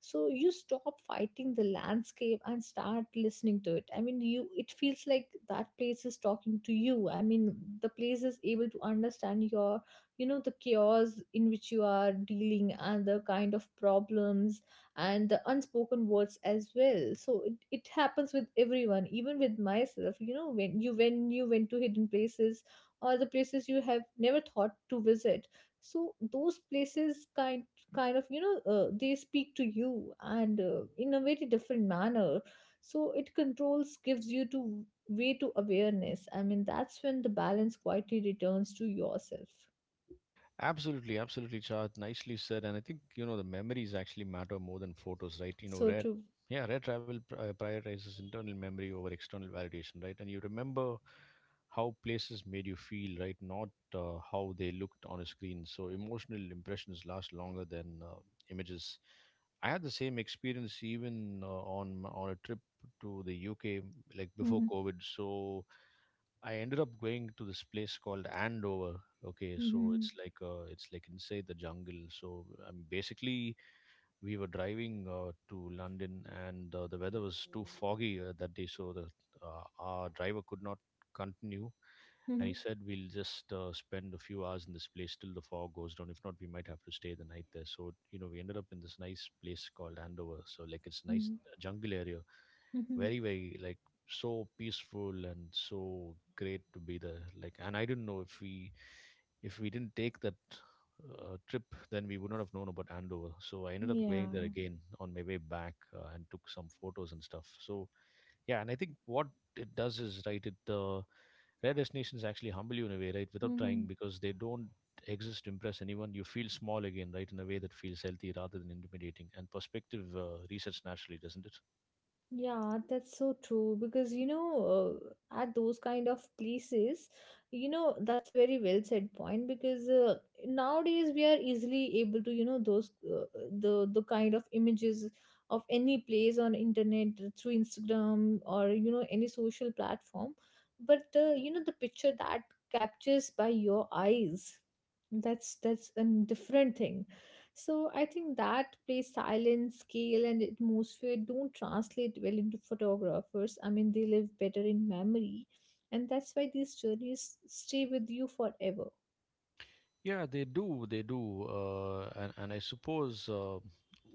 A: So you stop fighting the landscape and start listening to it. I mean, you it feels like that place is talking to you. I mean, the place is able to understand your, the chaos in which you are dealing and the kind of problems and the unspoken words as well. So it happens with everyone, even with myself. You know, when you went to hidden places, or the places you have never thought to visit, so those places kind of they speak to you, and in a very different manner. So it controls, gives you to way to awareness. I mean, that's when the balance quietly returns to yourself.
B: Absolutely, absolutely, Chad. Nicely said. And I think, you know, the memories actually matter more than photos, right? You know,
A: So
B: rare,
A: true.
B: yeah, rare travel prioritizes internal memory over external validation, right? And you remember how places made you feel, right? Not how they looked on a screen. So emotional impressions last longer than images. I had the same experience even on a trip to the UK, like before
A: Mhm,
B: COVID. So I ended up going to this place called Andover. Okay, so
A: mhm,
B: it's like inside the jungle. So basically, we were driving to London, and the weather was too foggy that day, so the our driver could not continue, and he
A: mhm,
B: said we'll just spend a few hours in this place till the fog goes down. If not, we might have to stay the night there. So, you know, we ended up in this nice place called Andover. So like it's nice
A: mhm,
B: jungle area,
A: mhm.
B: very, very like so peaceful and so great to be there. Like, and I didn't know if we, if we didn't take that trip, then we would not have known about Andover. So I ended up
A: Yeah.
B: going there again on my way back and took some photos and stuff. So yeah, and I think what it does is right, it rare destinations actually humble you in a way, right? Without trying,
A: Mm-hmm.
B: because they don't exist to impress anyone. You feel small again, right? In a way that feels healthy rather than intimidating. And perspective research naturally, doesn't it?
A: Yeah, that's so true because at those kind of places, you know, that's a very well said point because nowadays we are easily able to, those the kind of images of any place on internet through Instagram or any social platform, but you know the picture that captures by your eyes, that's a different thing. So I think that place, silence, scale, and atmosphere don't translate well into photographers. I mean, they live better in memory, and that's why these journeys stay with you forever.
B: Yeah, they do. They do. And I suppose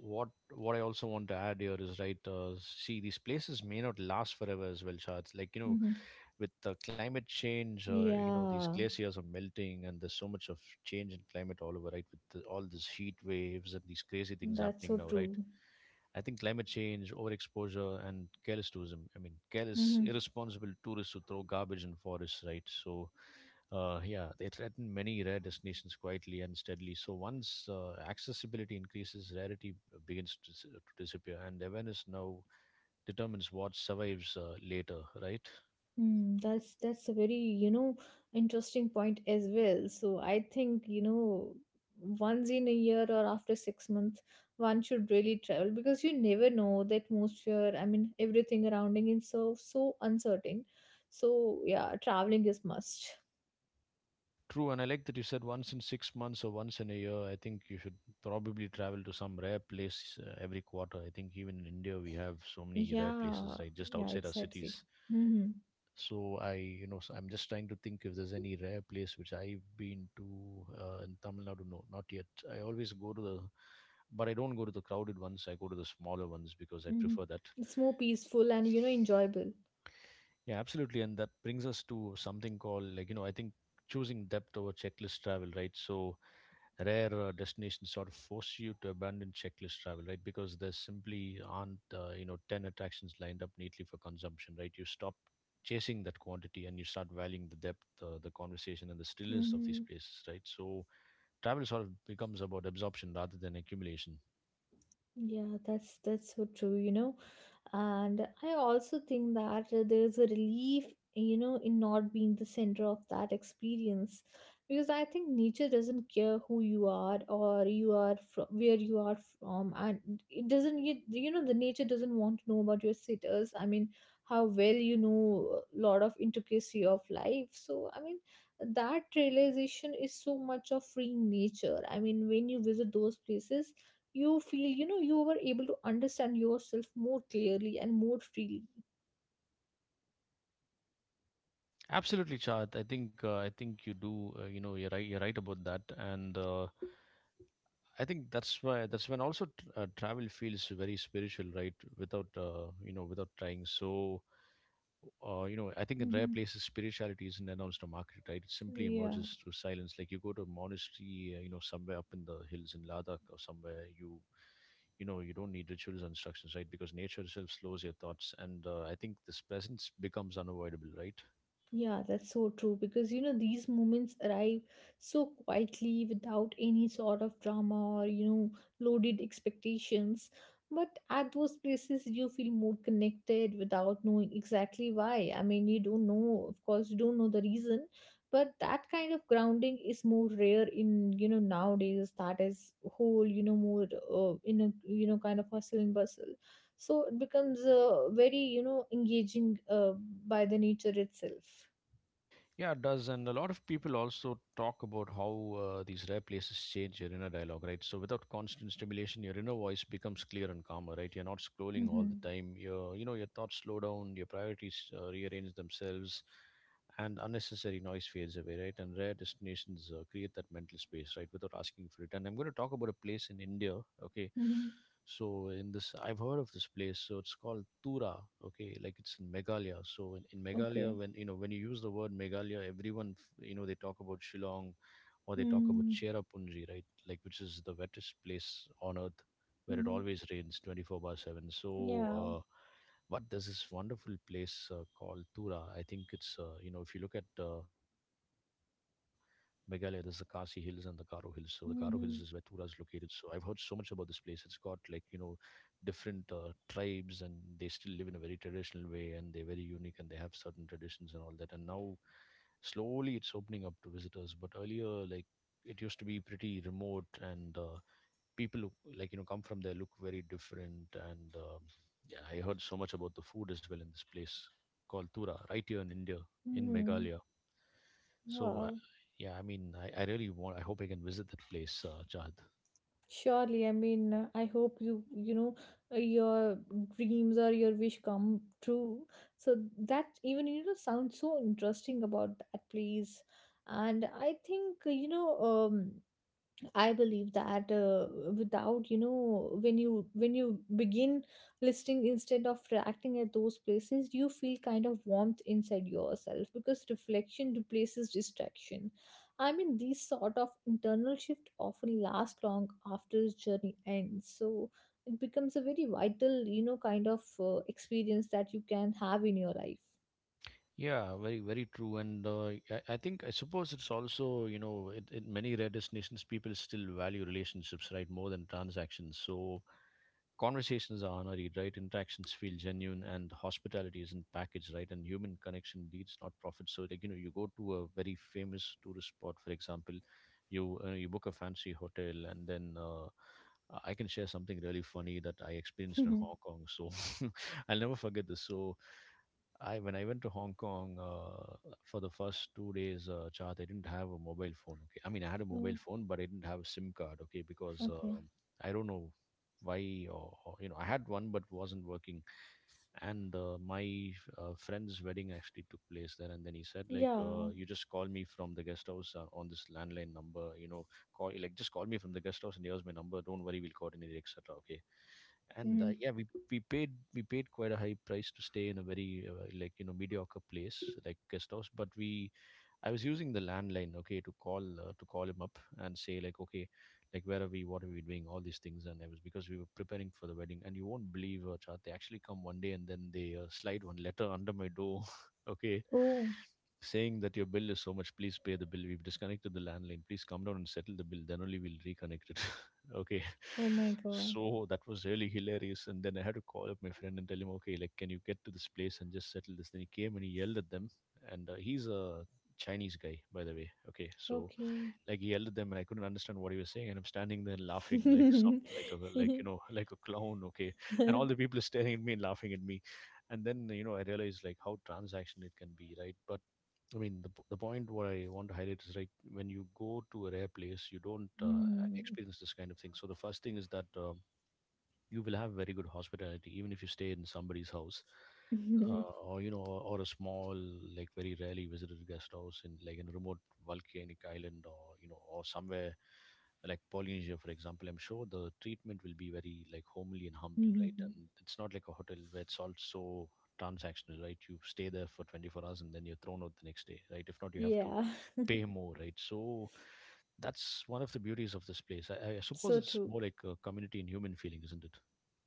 B: what I also want to add here is right. See, these places may not last forever as well, Charles. Like you know,
A: Hmm.
B: with the climate change, you know, these
A: Yeah,
B: glaciers are melting, and there's so much of change in climate all over, right? With the, all these heat waves and these crazy things
A: that's
B: happening
A: so
B: now, right?
A: true.
B: I think climate change, overexposure, and careless tourism. I mean, careless,
A: Hmm.
B: irresponsible tourists who throw garbage in forests, right? So, yeah, they threaten many rare destinations quietly and steadily. So once accessibility increases, rarity begins to, to disappear, and awareness now determines what survives later, right?
A: That's a very, you know, interesting point as well. So I think, you know, once in a year or after 6 months, one should really travel because you never know the atmosphere. I mean, everything surrounding is so so uncertain. So yeah, traveling is must.
B: True, and I like that you said once in 6 months or once in a year. I think you should probably travel to some rare place every quarter. I think even in India we have so many rare places,
A: Yeah,
B: right, just
A: yeah,
B: outside our
A: exactly.
B: cities.
A: Mm-hmm.
B: So I, you know, so I'm just trying to think if there's any rare place which I've been to in Tamil Nadu. No, not yet. I always go to the, but I don't go to the crowded ones. I go to the smaller ones because I
A: Mm-hmm.
B: prefer that.
A: It's more peaceful and you know enjoyable.
B: Yeah, absolutely. And that brings us to something called, like, you know, I think choosing depth over checklist travel, right? So rare destinations sort of force you to abandon checklist travel, right? Because there simply aren't, you know, 10 attractions lined up neatly for consumption, right? You stop chasing that quantity and you start valuing the depth, the conversation, and the stillness of these
A: Mm-hmm.
B: places, right? So travel sort of becomes about absorption rather than accumulation.
A: Yeah, that's so true, you know. And I also think that there's a relief, in not being the center of that experience. Because I think nature doesn't care who you are or you are from where you are from, and it doesn't you, you know the nature doesn't want to know about your status. I mean, how well you know a lot of intricacy of life. So I mean, that realization is so much of freeing nature. I mean, when you visit those places, you feel you know you were able to understand yourself more clearly and more freely.
B: Absolutely, Chad. I think you do. You know, you're right. You're right about that. And I think that's why, that's when also travel feels very spiritual, right? Without you know, without trying. So, you know, I think in rare
A: Hmm.
B: places, spirituality isn't announced or marketed, right? It simply
A: Yeah.
B: emerges through silence. Like you go to a monastery, you know, somewhere up in the hills in Ladakh or somewhere, you know, you don't need rituals or instructions, right? Because nature itself slows your thoughts, and I think this presence becomes unavoidable, right?
A: Yeah, that's so true because you know these moments arrive so quietly without any sort of drama or loaded expectations. But at those places, you feel more connected without knowing exactly why. I mean, you don't know, of course, you don't know the reason, but that kind of grounding is more rare in nowadays. That is whole you know more in a kind of hustle and bustle. So it becomes very engaging by the nature itself.
B: Yeah, it does. And a lot of people also talk about how these rare places change your inner dialogue, right? So without constant stimulation, your inner voice becomes clear and calmer, right? You're not scrolling all the
A: Mhm.
B: time. Your, you know, your thoughts slow down, your priorities rearrange themselves, and unnecessary noise fades away, right? And rare destinations create that mental space, right? Without asking for it. And I'm going to talk about a place in India, okay?
A: Mhm.
B: So in this, I've heard of this place. So it's called Tura. Okay, like it's in Meghalaya. So in
A: Okay.
B: Meghalaya, when you know when you use the word Meghalaya, everyone you know they talk about Shillong or they talk about
A: Mhm.
B: Cherrapunji, right? Like, which is the wettest place on earth where it
A: Mhm.
B: always rains 24 by 7. So,
A: Yeah.
B: but there's this wonderful place called Tura. I think it's, you know, if you look at Meghalaya, there's the Khasi Hills and the Garo Hills. So the Garo Hills is where Tura is
A: Mhm.
B: located. So I've heard so much about this place. It's got, like, you know, different tribes and they still live in a very traditional way, and they're very unique, and they have certain traditions and all that. And now slowly it's opening up to visitors, but earlier, like, it used to be pretty remote and people who, like you know, come from there look very different. And yeah, I heard so much about the food as well in this place called Tura, right here in India, in
A: Mhm.
B: Meghalaya. So
A: Wow.
B: yeah, I mean, I really want, I hope I can visit that place, Chad.
A: Surely, I mean, I hope you, your dreams or your wish come true. So that even, sounds so interesting about that place. And I think, you know, I believe that without when you begin listening instead of reacting at those places, you feel kind of warmth inside yourself because reflection replaces distraction. I mean, these sort of internal shift often last long after the journey ends. So it becomes a very vital kind of experience that you can have in your life.
B: Yeah, very, very true. And I suppose it's also, you know, in many rare destinations, people still value relationships, right, more than transactions. So conversations are honorary, right? Interactions feel genuine, and hospitality isn't packaged, right? And human connection leads, not profit. So, like, you know, you go to a very famous tourist spot, for example, you book a fancy hotel, and then I can share something really funny that I experienced in Hong Kong. So, I'll never forget this. I when I went to Hong Kong for the first 2 days, Chart, I didn't have a mobile phone. Okay, I mean I had a mobile
A: Oh.
B: phone, but I didn't have a SIM card. Okay, because
A: Okay.
B: I don't know why or you know I had one but wasn't working. And my friend's wedding actually took place there, and then he said like,
A: Yeah.
B: "You just call me from the guest house on this landline number. You know, call like just call me from the guest house, and here's my number. Don't worry, we'll coordinate, etc." Okay, and
A: Hmm.
B: yeah, we paid quite a high price to stay in a very like you know mediocre place like guest house. But we I was using the landline, okay, to call him up and say like, okay, like where are we, what are we doing, all these things. And it was because we were preparing for the wedding. And you won't believe, chat, they actually come one day and then they slide one letter under my door. Okay,
A: Oh.
B: saying that your bill is so much, please pay the bill, we've disconnected the landline, please come down and settle the bill, then only we'll reconnect it. Okay.
A: Oh my god.
B: So that was really hilarious. And then I had to call up my friend and tell him, okay, like, can you get to this place and just settle this? Then he came and he yelled at them. And he's a Chinese guy, by the way. Okay. So,
A: Okay.
B: like, he yelled at them and I couldn't understand what he was saying. And I'm standing there laughing like some, like, a, like, you know, like a clown. Okay. And all the people are staring at me and laughing at me. And then, you know, I realized like how transactional it can be, right? But I mean, the point what I want to highlight is, right, when you go to a rare place, you don't experience this kind of thing. So the first thing is that you will have very good hospitality even if you stay in somebody's house
A: Mhm.
B: or you know or a small like very rarely visited guest house in like in a remote volcanic island, or you know, or somewhere like Polynesia, for example. I'm sure the treatment will be very like homely and humble, right? And it's not like a hotel where it's all so transactional, right? You stay there for 24 hours and then you're thrown out the next day, right? If not, you have to
A: Yeah,
B: pay more, right? So that's one of the beauties of this place. I suppose
A: so
B: it's
A: true.
B: more like a community and human feeling, isn't it?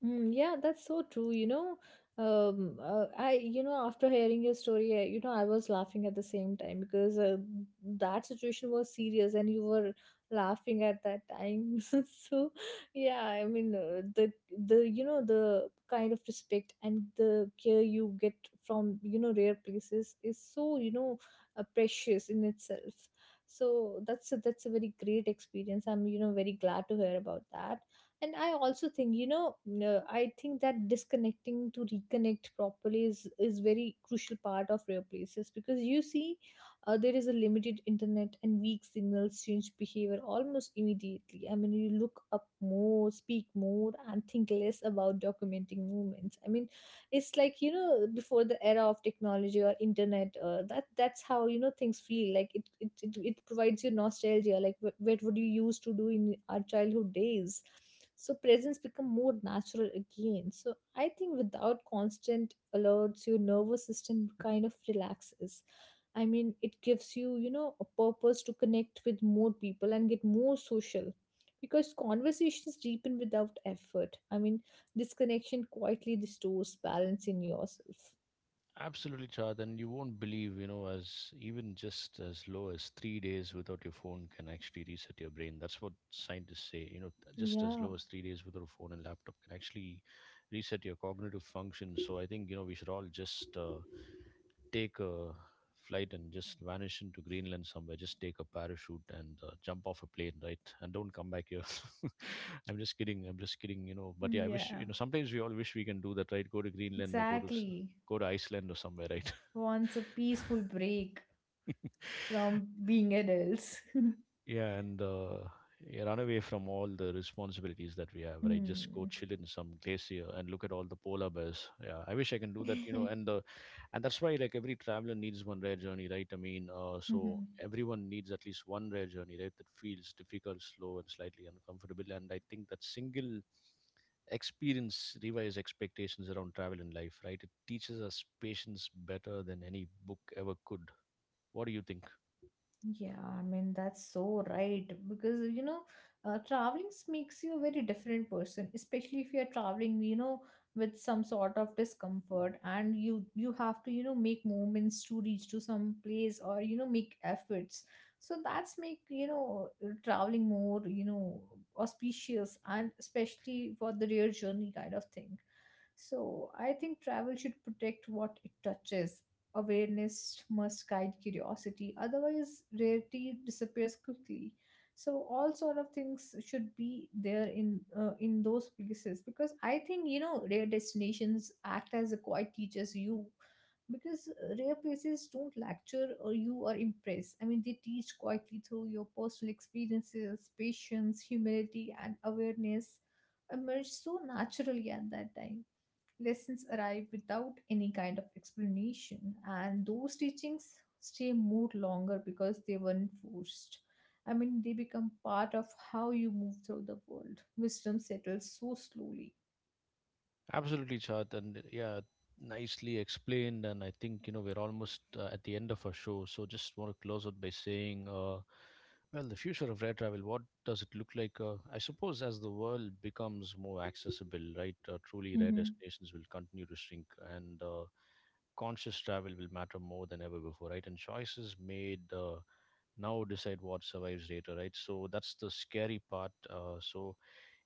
A: Mm, yeah, that's so true. You know, I after hearing your story, I, you know I was laughing at the same time because that situation was serious and you were laughing at that time. So yeah, I mean the you know the kind of respect and the care you get from you know rare places is so precious in itself. So that's a very great experience. I'm you know very glad to hear about that. And I also think you know no, I think that disconnecting to reconnect properly is very crucial part of rare places because you see there is a limited internet and weak signals change behavior almost immediately. I mean you look up more, speak more, and think less about documenting movements. I mean it's like you know before the era of technology or internet that's how you know things feel like. It provides you nostalgia like what would you used to do in our childhood days. So presents become more natural again. So I think without constant alerts your nervous system kind of relaxes. I mean it gives you you know a purpose to connect with more people and get more social because conversations deepen without effort. I mean, disconnection quietly restores balance in yourself.
B: Absolutely, Chad, and you won't believe, you know, as even just as low as 3 days without your phone can actually reset your brain. That's what scientists say. You know, just as
A: Yeah.
B: low as 3 days without a phone and laptop can actually reset your cognitive function. So I think you know we should all just take a flight and just vanish into Greenland somewhere. Just take a parachute and jump off a plane, right? And don't come back here. I'm just kidding. I'm just kidding. You know, but yeah,
A: Mm,
B: I wish
A: yeah,
B: you know. Sometimes we all wish we can do that, right? Go to Greenland or
A: exactly.
B: go to Iceland or somewhere, right?
A: Wants a peaceful break from being adults.
B: Yeah, and yeah, run away from all the responsibilities that we have, right? Just go
A: Mm.
B: chill in some glacier and look at all the polar bears. Yeah, I wish I can do that, you know. And that's why like every traveler needs one rare journey, right? I mean, so everyone needs at least one rare journey, right? That feels difficult, slow, and slightly uncomfortable. And I think that single experience revises expectations around travel in life, right? It teaches us patience better than any book ever could. What do you think?
A: Yeah, I mean, that's so right. Because, traveling makes you a very different person, especially if you're traveling, with some sort of discomfort and you have to, make movements to reach to some place or, make efforts. So that's make, traveling more, auspicious, and especially for the real journey kind of thing. So I think travel should protect what it touches. Awareness must guide curiosity, otherwise rarity disappears quickly. So all sort of things should be there in those places because I think you know rare destinations act as a quiet teachers. You, because rare places don't lecture or you or impress. I mean they teach quietly through your personal experiences. Patience, humility, and awareness emerge so naturally at that time. Lessons arrive without any kind of explanation, and those teachings stay more longer because they weren't forced. I mean, they become part of how you move through the world. Wisdom settles so slowly.
B: Absolutely, Chad, and yeah, nicely explained. And I think you know we're almost at the end of our show, so just want to close out by saying, well, the future of air travel. What does it look like? I suppose as the world becomes more accessible, right? Truly, rare
A: Mm-hmm.
B: destinations will continue to shrink, and conscious travel will matter more than ever before, right? And choices made now decide what survives later, right? So that's the scary part. So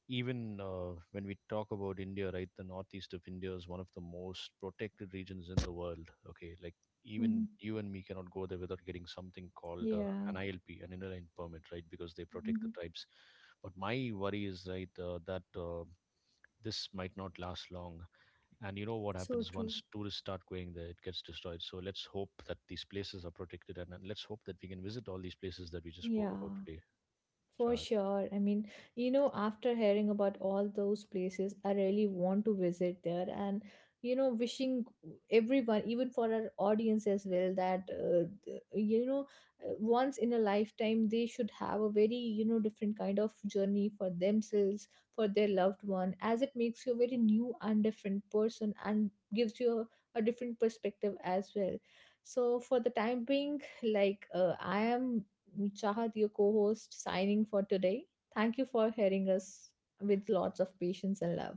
B: even when we talk about India, right, the northeast of India is one of the most protected regions in the world. Okay, like even
A: Mm-hmm.
B: you and me cannot go there without getting something called
A: Yeah.
B: an ILP, an Inner Line permit, right, because they protect the
A: Hmm.
B: tribes. But my worry is, right, that this might not last long. And you know what
A: So
B: happens
A: true.
B: once tourists start going there, it gets destroyed. So let's hope that these places are protected, and let's hope that we can visit all these places that we just spoke
A: Yeah.
B: about today,
A: For
B: Shah.
A: sure. I mean, you know, after hearing about all those places, I really want to visit there, and, you know, wishing everyone, even for our audience as well, that, you know, once in a lifetime, they should have a very, different kind of journey for themselves, for their loved one, as it makes you a very new and different person and gives you a different perspective as well. So, for the time being, like, I am Chahat, your co host, signing for today. Thank you for hearing us with lots of patience and love.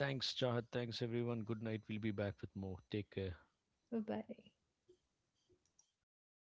B: Thanks, Chahat. Thanks, everyone. Good night. We'll be back with more. Take care.
A: Bye bye.